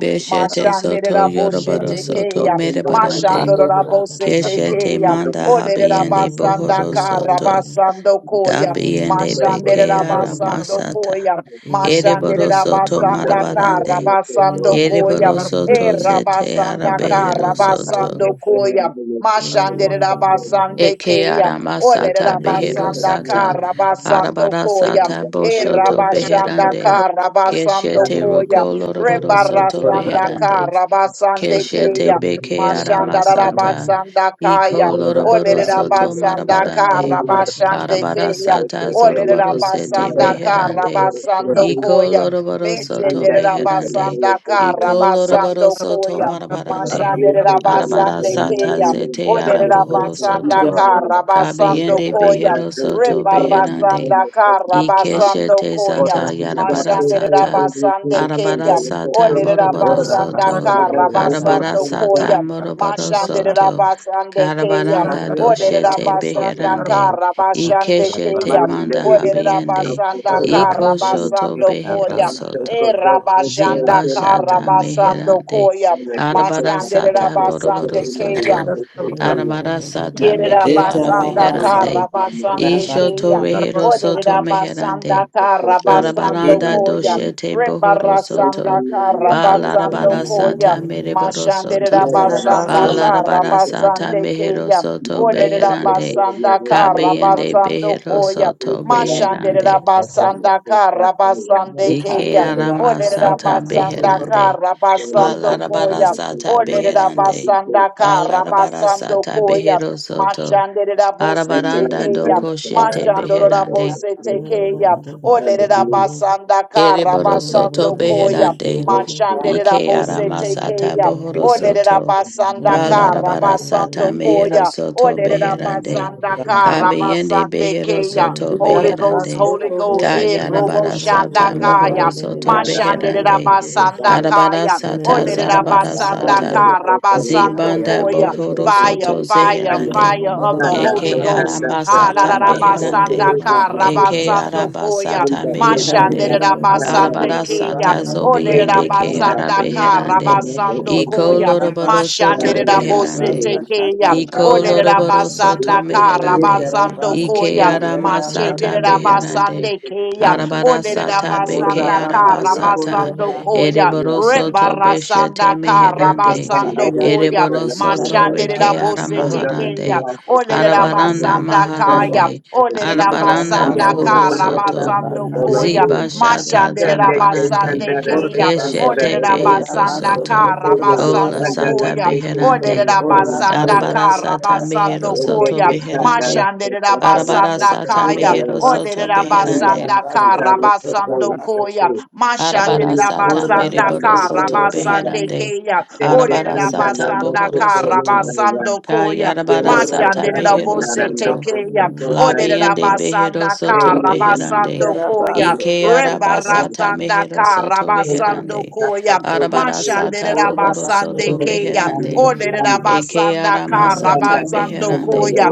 you.
Soto
Mashandiraboshe
Thank
Yoroboro Soto
Tekeya.
mere barande.
Mashandorabose
Keshete
Tekeya.
Manda Habiende
Olerabasanda
Bohoro Soto.
Karabasando Koya.
Dabiende Beke ara
Mashandirabasando
you.
masata.
Koya.
Thank
Ereboro soto
Mashandirabasanda
marabarande.
Karabasando Koya.
Ereboro
E
soto zete ara
Rabasanda
behero soto.
Karabasando Koya. Mashandere rabasande
Eke
keya.
ara
Olere
masata behero
rabasanda
sata.
kara basando
Arabara
koya.
sata
E
boshoto
rabashanda
beherande.
kara basando
Keshete
koya.
roko loroboro soto
Rebarasanda
meherande.
kara basande
Keshete
keya.
beke
Mashanda
aramasata.
rabasanda
Iko
kaya.
you.
loroboro
Olere
soto
rabasanda kara
marabarande.
you.
basande
Arabara
keya.
Yo te
sata
espero
Olere
zoroboro
que son
sete
de
rabasanda
los
kara
beherande.
nosotros que
basando
Itarabasa,
sí,
Iko
koya.
loroboro
Mese
un
soto
de
defecto
meherande.
rabasanda
de
kara
Iko
educación.
basando
loroboro soto
koya.
marabarande.
Yo
Mashandere
te espero
Arabara
que
Rabasande
no me
sata
hagan
Keyam,
zete
Odere
de todos los ojos
arabohoro
you.
Rabasanda
que
soto.
sea,
Thank
Karabasando
Kabeyende
tanto
Koyam,
behero
que
soto
se quieren
beherande.
Rebarasanda
de los ojos que sea.
Karabasando
Ikeshete
Koyam,
zata
Tanto
yarabara
que
Mashandere
se
sata
quieren de
Rabasande
arabara
Keyam,
los
sata
ojos
Odere
que sea,
moroboro
Rabasanda
soto
no de los ojos
arabara
Karabasando
que sea,
sata
Koyam,
moroboro
Mashandere
soto
Rabasande Keyam,
karabaranda
Olerera
doshete
basanda
beherande
kara basande
ikeshete
más
keya.
de
manda
dedicar
Olerera
los ojos
habiende
basanda
que
kara
sea.
ikoshoto
basando
behero
koya.
Más de
soto
E
ojos que sea,
rabashanda
Ziba
que la vida,
kara
Shata
basando
Meherande,
que
koya.
la que se
Arabara
Masande
pasa,
Sata
que se ve
rabasande
Boroboro
en la vida,
keya.
Soto,
que se ve.
Arabara Sata
You
Yerera
Meke
know
basanda
Arabeherande,
kara basande
Ishoto
keya.
Rehero Soto
Oderera basanda
Meherande,
kara basando
Arabaranda
koya.
Doshete Bohoro
Rebarasanda
Soto,
kara basando
Balarabara
koya.
Sata Mereboro
Mashanderera
Soto,
basanda kara
Balarabara Sata
basande
Mehero
keya.
Soto
Oderera
Beherande,
basanda kara
Kabeyende
basando
Behero
koya.
Soto
Mashanderera
Beherande,
basanda kara basande
Ike
keya.
Arama
Olerera
Sata
you.
basanda
Beherande,
kara basando
Balarabara
Inanana
koya.
sata
Olerera
beherande.
basanda kara
Balarabara
basando
sata
koya.
behero soto.
Mashandera bose
Arabaranda
tekeya.
doko shete
Mashandora
Rabasa,
beherande.
bose tekeya.
Thank
Olerera
you.
basanda kara
Ereboro
Thank
soto
basando koya.
beherande.
Mashandera
Ike
bose
arama sata
tekeya.
bohoro
Olerera
soto.
basanda kara
Balarabara sata
basando
mehero
koya.
soto beherande.
you.
Kabiyende behero
Olerabasandakarabasandekeya.
soto
Holy Ghost,
beherande.
Holy Ghost, eh, Robo
Kayarabara sata
Shandakaya,
mohoro soto beherande. Arabara
Mashanderabasandakaya,
sata zarabara sata zibanda
Olerabasandakarabasandokoya,
bohoro
fire,
soto
fire,
Barara
zeherande
fire of the
bababasha
Holy
eke
Ghost.
babaroshe.
aramasata
Inanara
beherande
Alarabasanda
babasha
eke
karabasando
Bararabababashababaroroshe.
koya
arabasata
mashandere
meherande
Inanarababashababaroshe.
rabasande
arabara
keya
sata
olere
zobiende ke
Inanababababaroroshe.
rabasanda
arabeherande
karabasando
you.
iko
koya
Inanababababaroroshe. Inanababababaroroshe.
loroboro soto
Thank
mashandere rabose
beherande
Orororobabasha.
tekeya olere
Ikoloroboro
Orororostaba.
soto
rabasanda
you.
meherande.
karabasando
Inanababasha.
Ike
koya
arama sata
mashedere
Inanaroroshe.
beherande.
rabasande keya
Arabara
olere
sata beke
rabasanda
Inanababababaroroshe.
arabasata.
karabasando koya
Ereboro soto
Inanababababaroroshe.
beshete
rebarasanda
meherande.
Orga
karabasando
Inanababababaroroshe.
koya
Ereboro
basso,
soto
mashandere
reke
rabose tekeya
aramaharande. Arabaranda
Inanababababaroroshe.
Rabasandakaya,
Karma
maharande.
Olele
Arabaranda
Russia,
mohoro
Rabasandaka,
soto.
Rabasandokoya,
Ziba shata
Mashandele
zarabarande.
Rabasandekeya, Olele
Keshete behero soto.
Rabasandaka,
Ola sata
Rabasandokoya,
beherande.
Olele
Arabara
Rabasandaka,
sata mehero
Thank you.
soto
Rabasandokoya,
beherande.
Mashandele
Arabara sata
Rabasandakaya,
mehero soto beherande.
Olerabasanda karabasando koya.
Arabara sata
Mashanderabasanda
mereboro soto
karabasande
beherande.
keya.
Arabara sata
Olerabasanda
bohoro soto.
karabasando koya.
Kayarabara sata behero
Mashanderabose
soto.
tekeya.
Labiende behero
Olerabasanda
soto beherande.
karabasando koya.
Ike arabasata
Rebarasanda
mehero soto
karabasando
beherande.
koya.
Arabara sata bohoro
Mashanderabasande
soto
keya.
beherande. Eke
Olerabasanda
arama sata
karabasando
beherande.
orga
koya.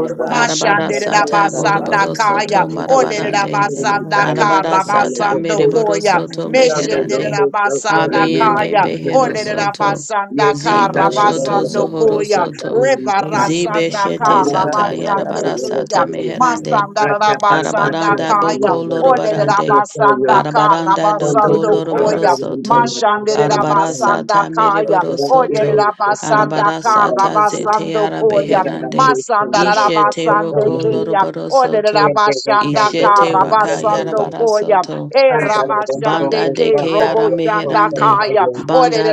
basso,
Arabara
orga
sata
Mashanderabasanda kaya,
basso.
boroboro
kaya,
soto
Thank
odere
marabarande.
rabasanda ka
Arabara sata
rabasando
mereboro
koya.
soto
meshe dere
beherande.
rabasanda
Abiende
kaya,
behero
odere
soto.
rabasanda ka
Zibo shoto
rabasando
zohoro
koya.
soto. Zibe shete
olerabasandaka,
zata
rabasandokoya, meshederabasandakaya,
yarabara
olerabasandaka,
sata
kaya,
meherande.
masanda rabasandekeya,
Arabaranda boko
kaya. Olele
lorobarande.
rabasanda ka
Arabaranda doko
rabasando
loroboro
koya.
soto.
Mashandere
Arabara sata
rabasanda kaya.
meriboro
Olele
soto.
rabasanda
Arabara
ka
sata zete
rabasando koya.
arabeherande.
Masanda
Ishete
rabasande
roko
keya.
loroboro
Olele
soto.
rabasanda ka
Ishete raka
you.
rabasando
yarabara
koya. E
Can't
rabasande
Banda de
Thank
ke
Keara
robo shanda
Meherande,
kaya.
Banda
Olele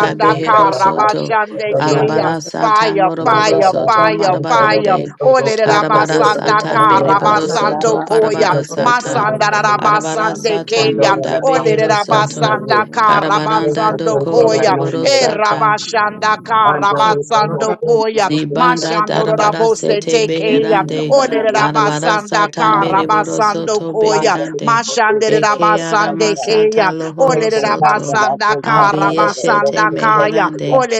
you.
ka
Behero
Santana, for
Soto,
rabasande
the normal.
keya.
Arabara Sata
Fire,
Moroboro
fire,
Madalala,
Soto
fire,
Santoro,
fire.
Marabarande,
Santoro,
Ole de
Santoro,
Arabara
Santoro,
rabasanda
Sata
Santoro, Santoro,
Meriboro
karabasando
Soto
koya.
Barabara
Give you
Sata,
Santoro,
Masanda
Arabara
rabasande
Sata
keya.
Manda
Ole de
Behero Soto,
Santoro,
rabasanda
Santoro, Santoro, Thank
Karabaranda
you,
karabasando
Doko
Santana,
koya.
no, no,
Loroboro
no,
E
no.
Sata,
rabashanda
And that is the whole
karabasando
thing, no,
koya.
no, no,
Zibanda
no.
Mashando
darabara
rabose
sete
You
tekeya.
can have
beherande,
Ole
to do
de
this, no, no, no,
arabara
rabasanda
sata
no.
mereboro
karabasando
soto
And
koya.
that is the
beherande,
whole thing,
Mashande
no,
eke
no, no,
arama
rabasande
no.
sata
keya.
Take
Ole
lohoro
de
the candle,
soto,
I
rabasanda
take candle, I
abiyeshete
karabasanda
take the
Kaya,
candle,
meherande,
Ole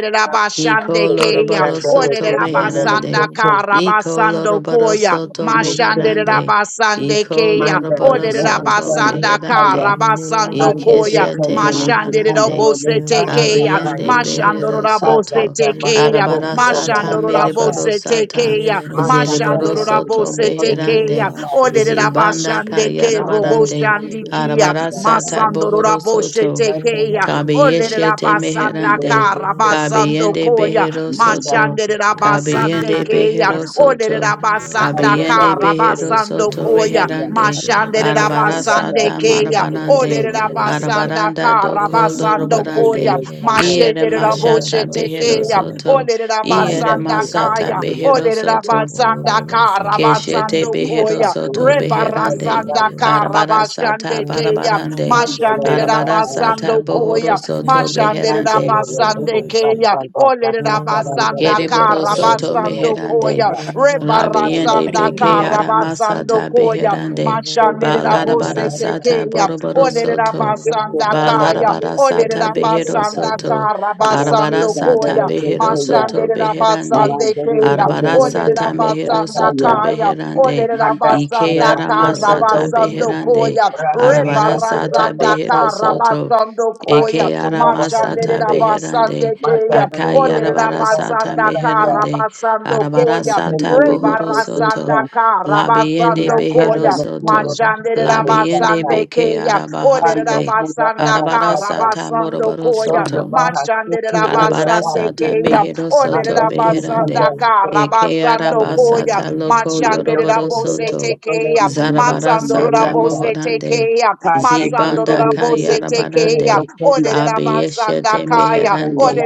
iko
Rabashande Kaya,
loroboro
Candela
Ole
soto
de Candela
Rabasanda
meherande,
Choco,
iko
Karabasando
loroboro
Koya,
soto
Ubu
Mashande
Choco,
meherande,
Rabasande
iko
Kaya,
Mandara
loroboro
Ole
Bloco
soto
Sanda
Rabasanda
beherande,
Kaya,
Karabasando
Panda de
Koya,
ikeshete
Candela
Thank
de
you.
Mashande
maharande,
Candela
Rabose
Lenda Lisa
Tekea,
Abiende
Kaya,
Mashando
Behero
Roshe,
Rabose
Panda
Soto,
Sabara
Ororo
Tekea,
Kofi
Baba
Arabarasata
Obara
Mashando
shaba
Sata,
roshé.
Rabose
Merebarosata,
Tekea,
Masa
Mashando
Zerebaro
Candela de
Soto
Mugu
Rabose
Yoko
Tekea,
Beherande,
Ole
Sabara,
Zibanda
Rabashande Ke
Mandara de
Kayarabarande,
Roboshandikia,
Candela Sata,
Arabarasata
Masando
Bohoro
Rabose
Eke
Soto,
Tekea,
Candela
Tekeya,
Choco,
Ordered
Kabiyeshete
Abasanda
Mandara
meherande.
de Choco,
Karabasando
Kabiyende
Koya,
behero
Mandara
soto.
Mashanded
de Choco,
Abasande
Kabiyende
Keya,
behero
Ordered
soto.
Abasanda
Candela
Kabiyende
de
behero
Candela
Karabasando
soto
Choco
Koya,
Kaya,
reherande.
Mashanded
Thank
roshé.
Abasande
Arabarasata
Keya,
Ororo baba
marabarande.
Ordered
barro shebe.
Abasanda
Arabaranda do
Girena baba
Karabasando
ba
Koya,
kolorobarande.
shebe.
Iere
Mashanded
Irena baba
Aboshe
mashata
ba
behero
shara
Tekeya,
baba.
soto.
Ordered
Iere
bebe
Abasanda
de de de
masata
Kaya,
de she.
behero
Ordered
soto.
Abasanda
Ororo shebe baba ba.
Keshete
Karabasando
behero
Koya,
soto
Ororo baba
beherande.
Rebarasanda
roro she.
Arabara sata
Karabashande keya.
Ororo baba
barabarande.
ba shebe
Mashandere
Arabara
roro she.
sata
rabasando
bohoro
koya.
Irena
soto
Mashandere
roro
beherande.
shebe bebe de
rabasande
de she.
keya. Olere
Irena bebe
rabasanda
bebe de
Kereboro
de de
soto
she.
karabasando
meherande.
koya.
Irena bebe bebe bebe
Labiende
Rebarasanda
de de
beke
de
ara
she.
karabasando
masata
koya.
Irena
beherande.
bebe bebe
Mashandere
Balarabara
rabose
sata
tekeya.
boroboro
Olere
de
soto.
de
rabasanda
de she.
kaya.
Balarabara
Olere
sata
Thank
behero
rabasanda
soto. Arabara
karabasando
sata
koya.
behero
you.
soto
Mashandere
beherande.
rabasande
Malandari
keya.
Arabara
Bohoro
Olere
sata mehero
rabasanda
soto
Sakaya,
kaya.
beherande.
Olere
Manda
Ike
Area
ara
rabasanda
masata
Soto,
Karabasando
beherande.
Koya,
Rakari
Arabara
Bohura
sata
Rebarasanda
behero
Basaka,
soto.
Karabasando Koya,
Michael
Eke
Pura
Machandere
aramasata
Bahasute,
beherande.
Rabasande Kaya,
Manda
Olere
Kondora
Akayarabarasata
Sakaya
Rabasanda
Saka,
meherande.
Karabasando
Kesi
Koya,
Arabarasata
Kondori
bohorosoto.
Rebarasanda
Saka,
Labiende
Kenda
Karabasando
Nala
Koya,
the
beherosoto.
Kondora
Machandere
Labiende
Saka,
Rabasande
beke
Kaya, Olere
Ando
arabaharande.
Pura
Rabasanda
Bahasaka,
Arabarasata
Karabasando Koya,
Donda
moroborosoto.
Machandere
Bahasuku Ora
Arabara
Rabasande
Basu,
sata
Kaya,
mehero
Olere
soto
Ando
Rabasanda
beherande.
Kondora
Eke
Karabasando
Saka,
arabasata
Koya,
loko yoroboro
Mashanderabose
soto.
tekeya.
Zarabara sata
Matsandorabose
mohorande.
tekeya.
Zibanda
Masandorabose tekeya.
kayarabarande. Abiyeshete
Olerabasandakaya.
meherande.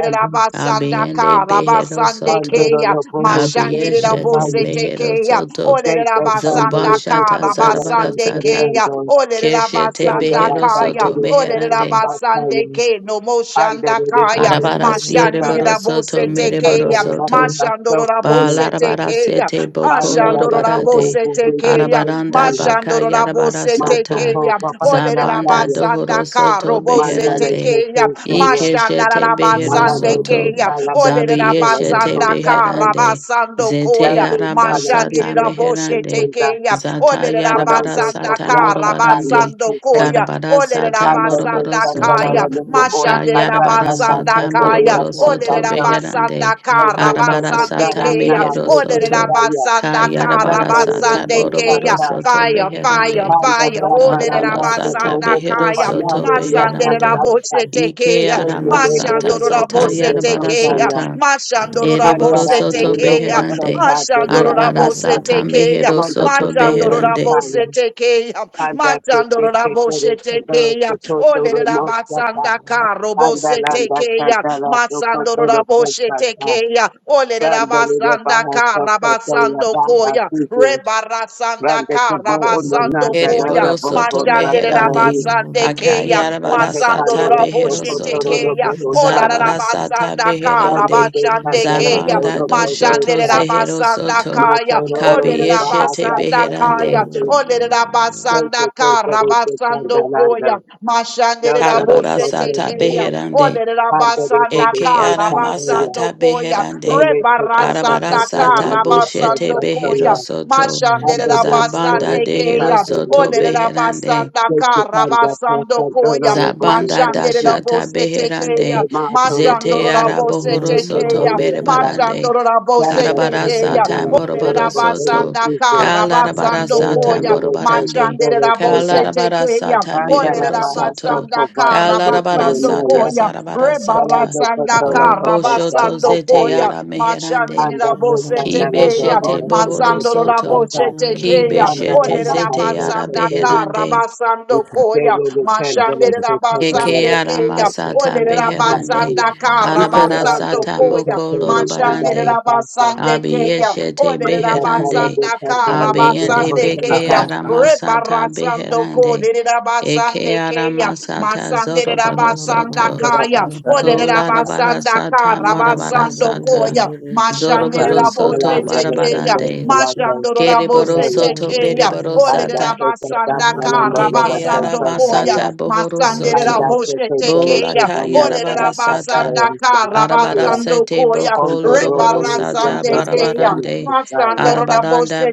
Abiyende behero soto.
Rabasandekeya.
Abiyeshete
Mashanderabose
mehero
tekeya.
soto.
Olerabasandaka.
Zubashata zarabarasata.
Rabasandekeya.
Keshete behero
Olerabasandakaya.
soto meherande.
Olerabasandeke. No moshandakaya.
Arabara siereboro soto
Mashandirabose
mereboro
tekeya.
soto.
Mashandorabose
Ba
rabose
larabara
tekeya.
sete boko
Under
Ashando
the
lorobara de.
rabose tekeya.
Arabaranda
Mashando
baka yarabara
rabose
Mato
sata.
tekeya.
Papa
Olere
Zabanda
Satire,
rabasanda
dohoro
karo
soto
bose
Mandare se
beherande.
tekeya.
seya,
Ike
Mashanda
shete behero
rabasande
malande se
soto.
keya.
sala da
Olere
Zabi
solo da
yeshete
rabasanda
costa se
kara
beherande.
basando
Zete
koya.
dando
araba
sala se
sata
Mashandi
se se
rabose
meherande.
sonda,
tekeya.
Zata
Olere
yarabara
marondo
rabasanda
sata
sopra sa
kara
paria
morobarande.
basando
se se
koya.
Karabara
Olere
sata
salvo se
morobaro
rabasanda
sandola
kaya.
la
soto.
mismo ora
Mashande
sa sa sa
Yarabara
sa
rabasanda
se
sata
se de
kaya.
la
moroboro
sa sa
Olere
soto
you.
sa
beherande.
basanda
o
Yeah,
kara
so so
Arabara
se
basande
sata
dara
keya.
nara
mehero
se se
Olerera
soto.
saya,
Ka
basanda kara
yarabara
dando de
sata
so
basande
sa
keya.
boroboro
sa
soto
Fire, fire,
beherande.
Panda
fire.
da
Olerera
Arabara
paranda de
sata
basanda
como
behero
ocupa
kaya.
soto
nada de la sa
Masandera
beherande.
sa sa,
bose
Ike
tekeya.
yo me
arama
le le le
sata
le
Machandora
o
zata
pro
bose
pro
yarabara
sa
tekeya.
ya.
sata.
Machandora
Ereboro
Pandara
bose
soto
Kurio
tekeya.
Koso
beherande.
Kaderia
Machandora
Arabara
bose
Sasa,
sata
tekeya.
mehero
Commando
soto
Koto
Machandora
beherande.
Yanakaya,
bose tekeya.
Panda Tete
Machandora
Ketere
bose
Kadoro
tekeya.
Koto
Olerera
Romosata,
basanda karo bose
Andalanda
tekeya.
Santara Koto
Masando raboshe
Kosata,
tekeya. olere
Randari de
rabasanda
Baha
ka
Soko Toya
rabasando
Baha
koya.
Sisi,
Rebarasanda
Randa
ka
Kabo Uno
rabasando
Nanda
koya.
Nanda
Ereboro soto
Boko
masandere
meherande.
Satarani,
rabasande keya.
Akayarabara
Tete
Masando
sata
Kandala
behero
raboshe
Koto
soto.
Toro
tekeya.
Boho
Ola
Zarabara
Sati,
sata
rabasanda ka
Randa
beherande.
rabashande
Kandala
keya.
Zabanda
Toro Koto
Mashande
doshoto
Kosa,
zehero
rabasanda
soto.
kaya.
Matoro
olere
de
Kabiyeshete
Bahasa
rabasanda
It is
kaya.
beherande.
Sakarande,
olere rabasanda
Kete
ka
Kete de
rabasando
Sangalando,
koya. Mashandere
Dondoro
Karabara
Rabose
Sote
sata
Tekeya,
Sayo,
beherande.
Onere
Pando de
Rabasanda
Eke
Bohese Kakaya,
aramasata
Karabasando Koya,
beherande.
Dele Kakata
Arabara
Rebarasanda
sata
Kakaramaya
boshete
Karabasando
Kesa
behero
Koya,
Soya,
soto.
Mashandere
Ando de
Zabanda
Rabasande
Bohese
dehero
Keya,
soto
Onere
Kakaya,
beherande.
Rabasanda
Kete Kanda
Karabasando
Kakadoro
Koya,
no Bohese
Zabanda
Mashandere
Kakaya,
dashata
Rabose Tekeya,
beherande
Ete Matoro
zete
Mashandoro
Bohese Bohese
Rabose
araboro
Kete
soto
Tekeya,
Soya,
merebarande
Mashandoro Rabose
Kanda
karabara
Tekeya,
sata
Kakadara
Onere
Bohese
moroboro
Kakaya
soto
Rabasanda
Kristo,
kalarabara
Karabasando
Dele
sata
Koya,
Andele Kete
morobarande
Kete
Mashandere
Kanda,
kalarabara
Rabosetekeya,
sata
Bandara
mereboro
Baja
soto
Soko
Olerabasandaka,
Bato
kalarabara
Kotoro
sata
Maya,
Rabasandokoya,
zarabara sata
Salando
Rebarasandaka,
Kotoro
o
Koto
boshoto zete
Rabasandokoya,
Sakayo,
ara meherande
Anda Beka Dalando
Mashandirabosetekeya,
kibeshete
Ora
bohoro
Koto
soto
Kata,
ki
Masandorobosetekeya,
Andara
kibeshete
Baja
zete ara
Soko
Olerabasandaka,
Bayo,
beherande
Rabasandokoya,
Kelo Lukandela Koto
Eke
Dalala
arama
Mashandirabasandekeya,
Koto
sata
Baja
beherande,
Sakayo,
Olerabasandaka,
arabara
Danda
sata
Rabasandokoya,
Beka
moko
Kere Andara
lorobarande,
Kata,
Mashandirabasandekeya,
abiyeshete
Mata Kala
beherande,
Beka
Olerabasandaka,
Dalala
Rabasandokoya,
abiyende
Koto
basande
beke
keya.
Kata,
arama sata
Rebarasando
beherande,
kolerera
eke
basande keya.
arama sata
Masanderera
zorobaro
basanda
soto,
kaya. Olerera
kolarabara
basanda
sata
kara
marabara
basando
sata,
koya.
zorobaro
Mashanderera
soto
bose
Insalanda
tekeya.
Koto
barabarande,
Salanda
Mashandorora
keriboro
bose
Koto
soto
tekeya.
beriboro
and that
sata,
Olerera
they take a that
basanda
calendar
kara
of the
Deke
first
yara
basando
a
fire,
koya.
masata bohoro
Baba
and
Masanderera
that
soto.
they
bose
take a
Bola
tekeya.
delicate
ka
one that
yara
Olerera
bara
I
sata.
basanda
caparayan
kara
Arabara
here.
basando
sete
koya.
On
boko
the robe
loroboro
who says
sata
that
Rebarasande
the
keya.
bonnet
barabarande.
is
Masando
fire,
Arabaranda
Raboshe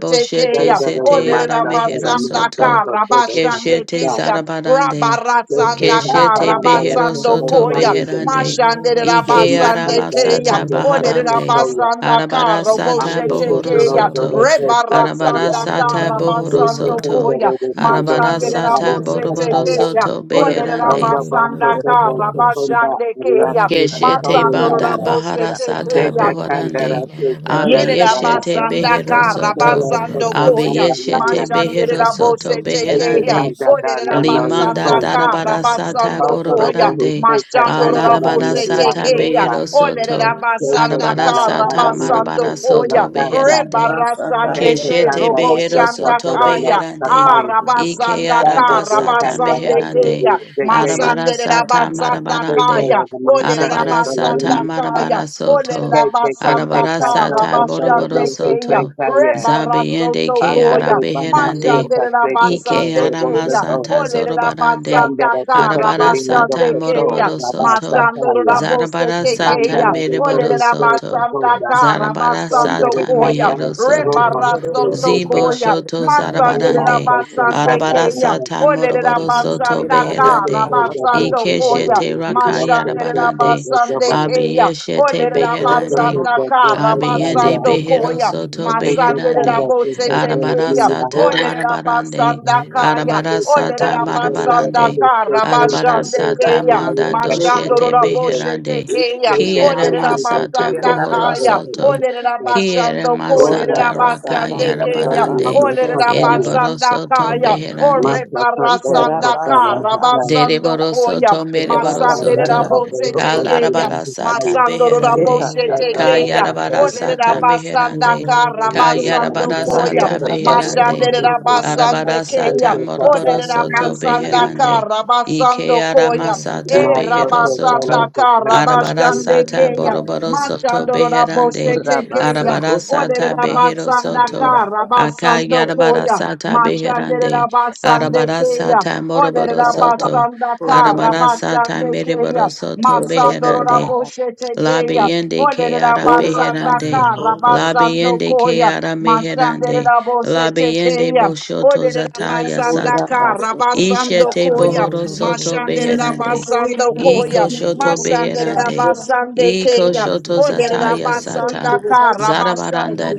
then
Tekeya,
the little
sete yara
Olera
master for the
mehero
Basanda
master
soto.
for
Kara
the
Bashande
Keshete
master.
Keya,
zarabarande.
They take
Rabarasanda
that
Baba.
Keshete
Kara
calendar of
behero
the
Basando
first
Baba,
soto
Baba,
Koya,
calendar,
beherande.
Mashande
they
Ike
must
Rabasande
have the
Keya,
level
aramasata
of the
Olera
baharande.
soya.
Basanda Kara
Arabarasata
Boshe
After the
bohoro
door of
Tekeya,
the
soto.
first
Arabara
fire,
Rebarasanda
sata
Kara
they
bohoro
take
Basando
on the
soto.
Koya,
robe of the
Mashande
Arabarasata
Raboshe
first
boroboro
fire,
Tekeya,
soto
Ora
Olera
Thank
beherande.
Basanda Kara
Baba,
Bashande Keya,
Keshete
Masando
banda
Raboshe
basta,
baharasata
Tekeya,
boharande.
you.
Abiyeshete
Itarabasa
Yerabasanda
behero soto.
Karabasando koya,
Abiyeshete behero
Mashandira
soto
Bose Tekeya,
beherande.
Baba, Yeah.
Limanda
Olerabasanda
darabara sata
Karabasando koya, Yerabasandaka, Rabasandokoya,
borobarande balarabara
Mashandirabosetekeya,
sata
ke
behero soto arabara
Rabasandokoya,
sata marabara
Mashandorobosetekeya,
soto
Olerabasandaka, Rabasandokoya,
beherande
Rebarasandeke,
Keshete behero soto
Roboshandakaya,
beherande. Ike
Arabasandaka,
arabasata meherande.
Rabasandekeya,
Arabarasata marabarande.
Masanderabasandakaya,
Arabarasata marabara
kaya.
soto.
Kay, kay, kay, kay, kay,
Olerabasandaka,
no, oh,
Arabarasata
no, oh,
boroboro
no, to
Rabashandekeya,
say,
soto.
kay, yeah.
Zabiende ke
Anda
Rebarasotokoya,
de baja, real,
arabeherande.
ta, say, que, do,
Ike
re, wo, se,
Machanderabasandekeya,
do.
aramasata zorobarande.
Yanda da, ki,
Olerabasandaka,
ta, ti, di, on, do,
Arabarasata
ke, do,
Rabashandekeya,
moroboro
la, ba, sa,
soto.
ta, ya. Anda
Zarabarasata
Masandorabosetekeya,
da, de, bo,
mereboro
hu, so, to,
soto.
ko, da.
Olerabasandaka,
Yanda de,
Zarabarasata
ta,
Rabasandokoya,
da,
mehero
de, ro,
soto.
mo, se, se, se.
Zibo
Rebarasotokoya,
Shoto
Ni, la,
Zarabarande,
se, se, ta, la, la,
Masanderabasandekeya,
de, de,
Arabarasata
de, de,
Moroboro
de.
Soto
Se,
Olerabasandaka,
se,
Beherande,
se, de, de, de, de, de, de,
Rabasandokoya,
Ikeshete
de, de, de, se, se, de, de, de, de, de. Se, se, se, de,
Rakayarabarande,
Machanderabasandekeya, Keya.
Abiyeshete
Olere
Beherande,
Rabasanda
de, de, de, de, de,
Abiende
Karabasando
behero
Koya.
soto
Take this
Masandere
time
beherande.
that they
Rabose
take from
Arabara
Tekeya.
me. I
sata
Olere
marabarande.
Rabasanda Kaya.
Arabara
take that
Olere
time
sata
to get it over
Rabasanda
marabarande.
the circles
Arabara
and
Karabashande
those that
sata
Keya.
now you
manda
catch and
Mashando
I
doshete
take it.
Raboshe
beherande.
Tekeya.
Take that,
Kiere
Olere
take that, take that,
masata
Rabasanda
take that,
bohoro
take
Kaya.
that,
soto.
take
Olere
that.
Kiere
Rabashando
Take
Kolere
that,
masata raka
Rabasande
oh,
Thank
Keya.
darling, I'm
yarabarande.
gonna
Olere
cut that, yeah.
Ereboro
Rabasanda
soto
Kaya.
beherande.
My
Ore
cut, cut that, I cut
Barasanda
that, I'm just like,
Karabasando
Deriboro
Koya.
soto
I'm
meriboro
gonna
Masandere
get it
Rabasaka,
soto.
up there,
rabose
it's like,
Roboso,
we're
tekeya.
gonna
Kalarabara
just
sata
play it.
Masandoro
beherande.
Eta
rabose
Cut that, I'm
tekeya.
gonna cut
Kayarabara
it,
Olere
cut
Rabasaka,
sata
that.
rabasanda
meherande.
And it's like, I'm
karabasando
Kayarabara
gonna cut that, I'm just
koya.
gonna
sata
cut
rabasa,
beherande.
Mashandere
rabasa,
that.
rabasa.
Arabara
rabasande
Kandir
Take
sata
keya.
that, cut
rabasa,
that,
moroboro
Olere
I'm gonna cut
soto
that.
rabasanda
beherande. Ike
karabasando
arama
koya. E
sata behero
rabasanda
soto. Arabara
karabashande
sata
keya.
boroboro soto
Masandoro
or
rabose
beherande.
tekeya.
Rabaso
Arabara
Koto
Olere
sata
rabasa,
behero
rabasanda
Kandir
soto.
rabasa.
karabasando
Akayarabara
koya.
sata beherande.
Mashandera basande
Arabara
keya,
sata
or
moroboro
olerera
rabasa,
soto.
basanda
Koto
kara
Arabara sata
basande
meriboro
keya,
soto
masandorora
beherande.
rabasa,
boshete keya,
Labiende
olerera
Keara
or or
basanda
Beherande,
kara basando
or
Labiende
koya,
Keara Meherande,
masandera boshete
Labiende
keya,
Boshoto
olerera
Zataya
basanda
Sata,
kara basando
Ishete
koya,
Bohoro Soto
mashandera
Beherande,
basando koya,
Iko Shoto
masandera
Beherande,
you.
basande
Ororo
Iko
keya,
Shoto
you're beautiful.
olerera
Zataya
Yanmi, you're so
basanda
Sata,
beautiful.
kara basando
Zarabaranda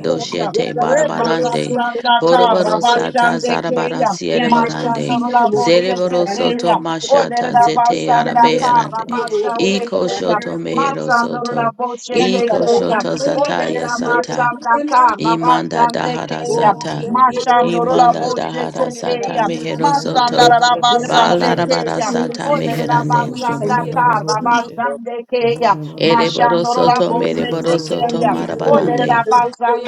Yanmi,
koya,
Doshete
you're so
Barabarande,
Rebakasanda
Boroboro Sata
Karabashande
beautiful.
Zarabara
Keya,
Sierra
Yanmi, you're so beautiful. Yanmi, you're so beautiful. Yanmi, you're so beautiful. Yanmi, you're
Barande,
so
Mashandora
beautiful. Yanmi, you're so beautiful.
Zereboro
Boshete
Soto
Keya,
Mashata
Odera
Zete Ara
Basanda
Yanmi, you're so beautiful. Yanmi, you're
Beherande.
so
Karabashande
Iko
Keya,
shoto mehero
Masandora
soto.
beautiful. Yanmi, you're so beautiful. Yanmi, you're so beautiful. Yanmi, you're
Boshete
so beautiful. Yanmi, you're so beautiful. Yanmi,
Iko
Keya,
shoto
you're
zataya
Odera
sata.
Basanda
Imanda
Karabashande
dahara
Keya,
sata.
Mashandora
Imanda dahara
Boshete
sata
Keya,
mehero soto.
Masandara Basande
Balarabara
Keya,
sata
Olera
so
meherande.
beautiful.
Basanda
Yanmi, you're Yeah,
Karabashande Keya,
Ereboro
Mashandora
soto
Yerba
mereboro
Boshete
soto
Keya,
marabarande.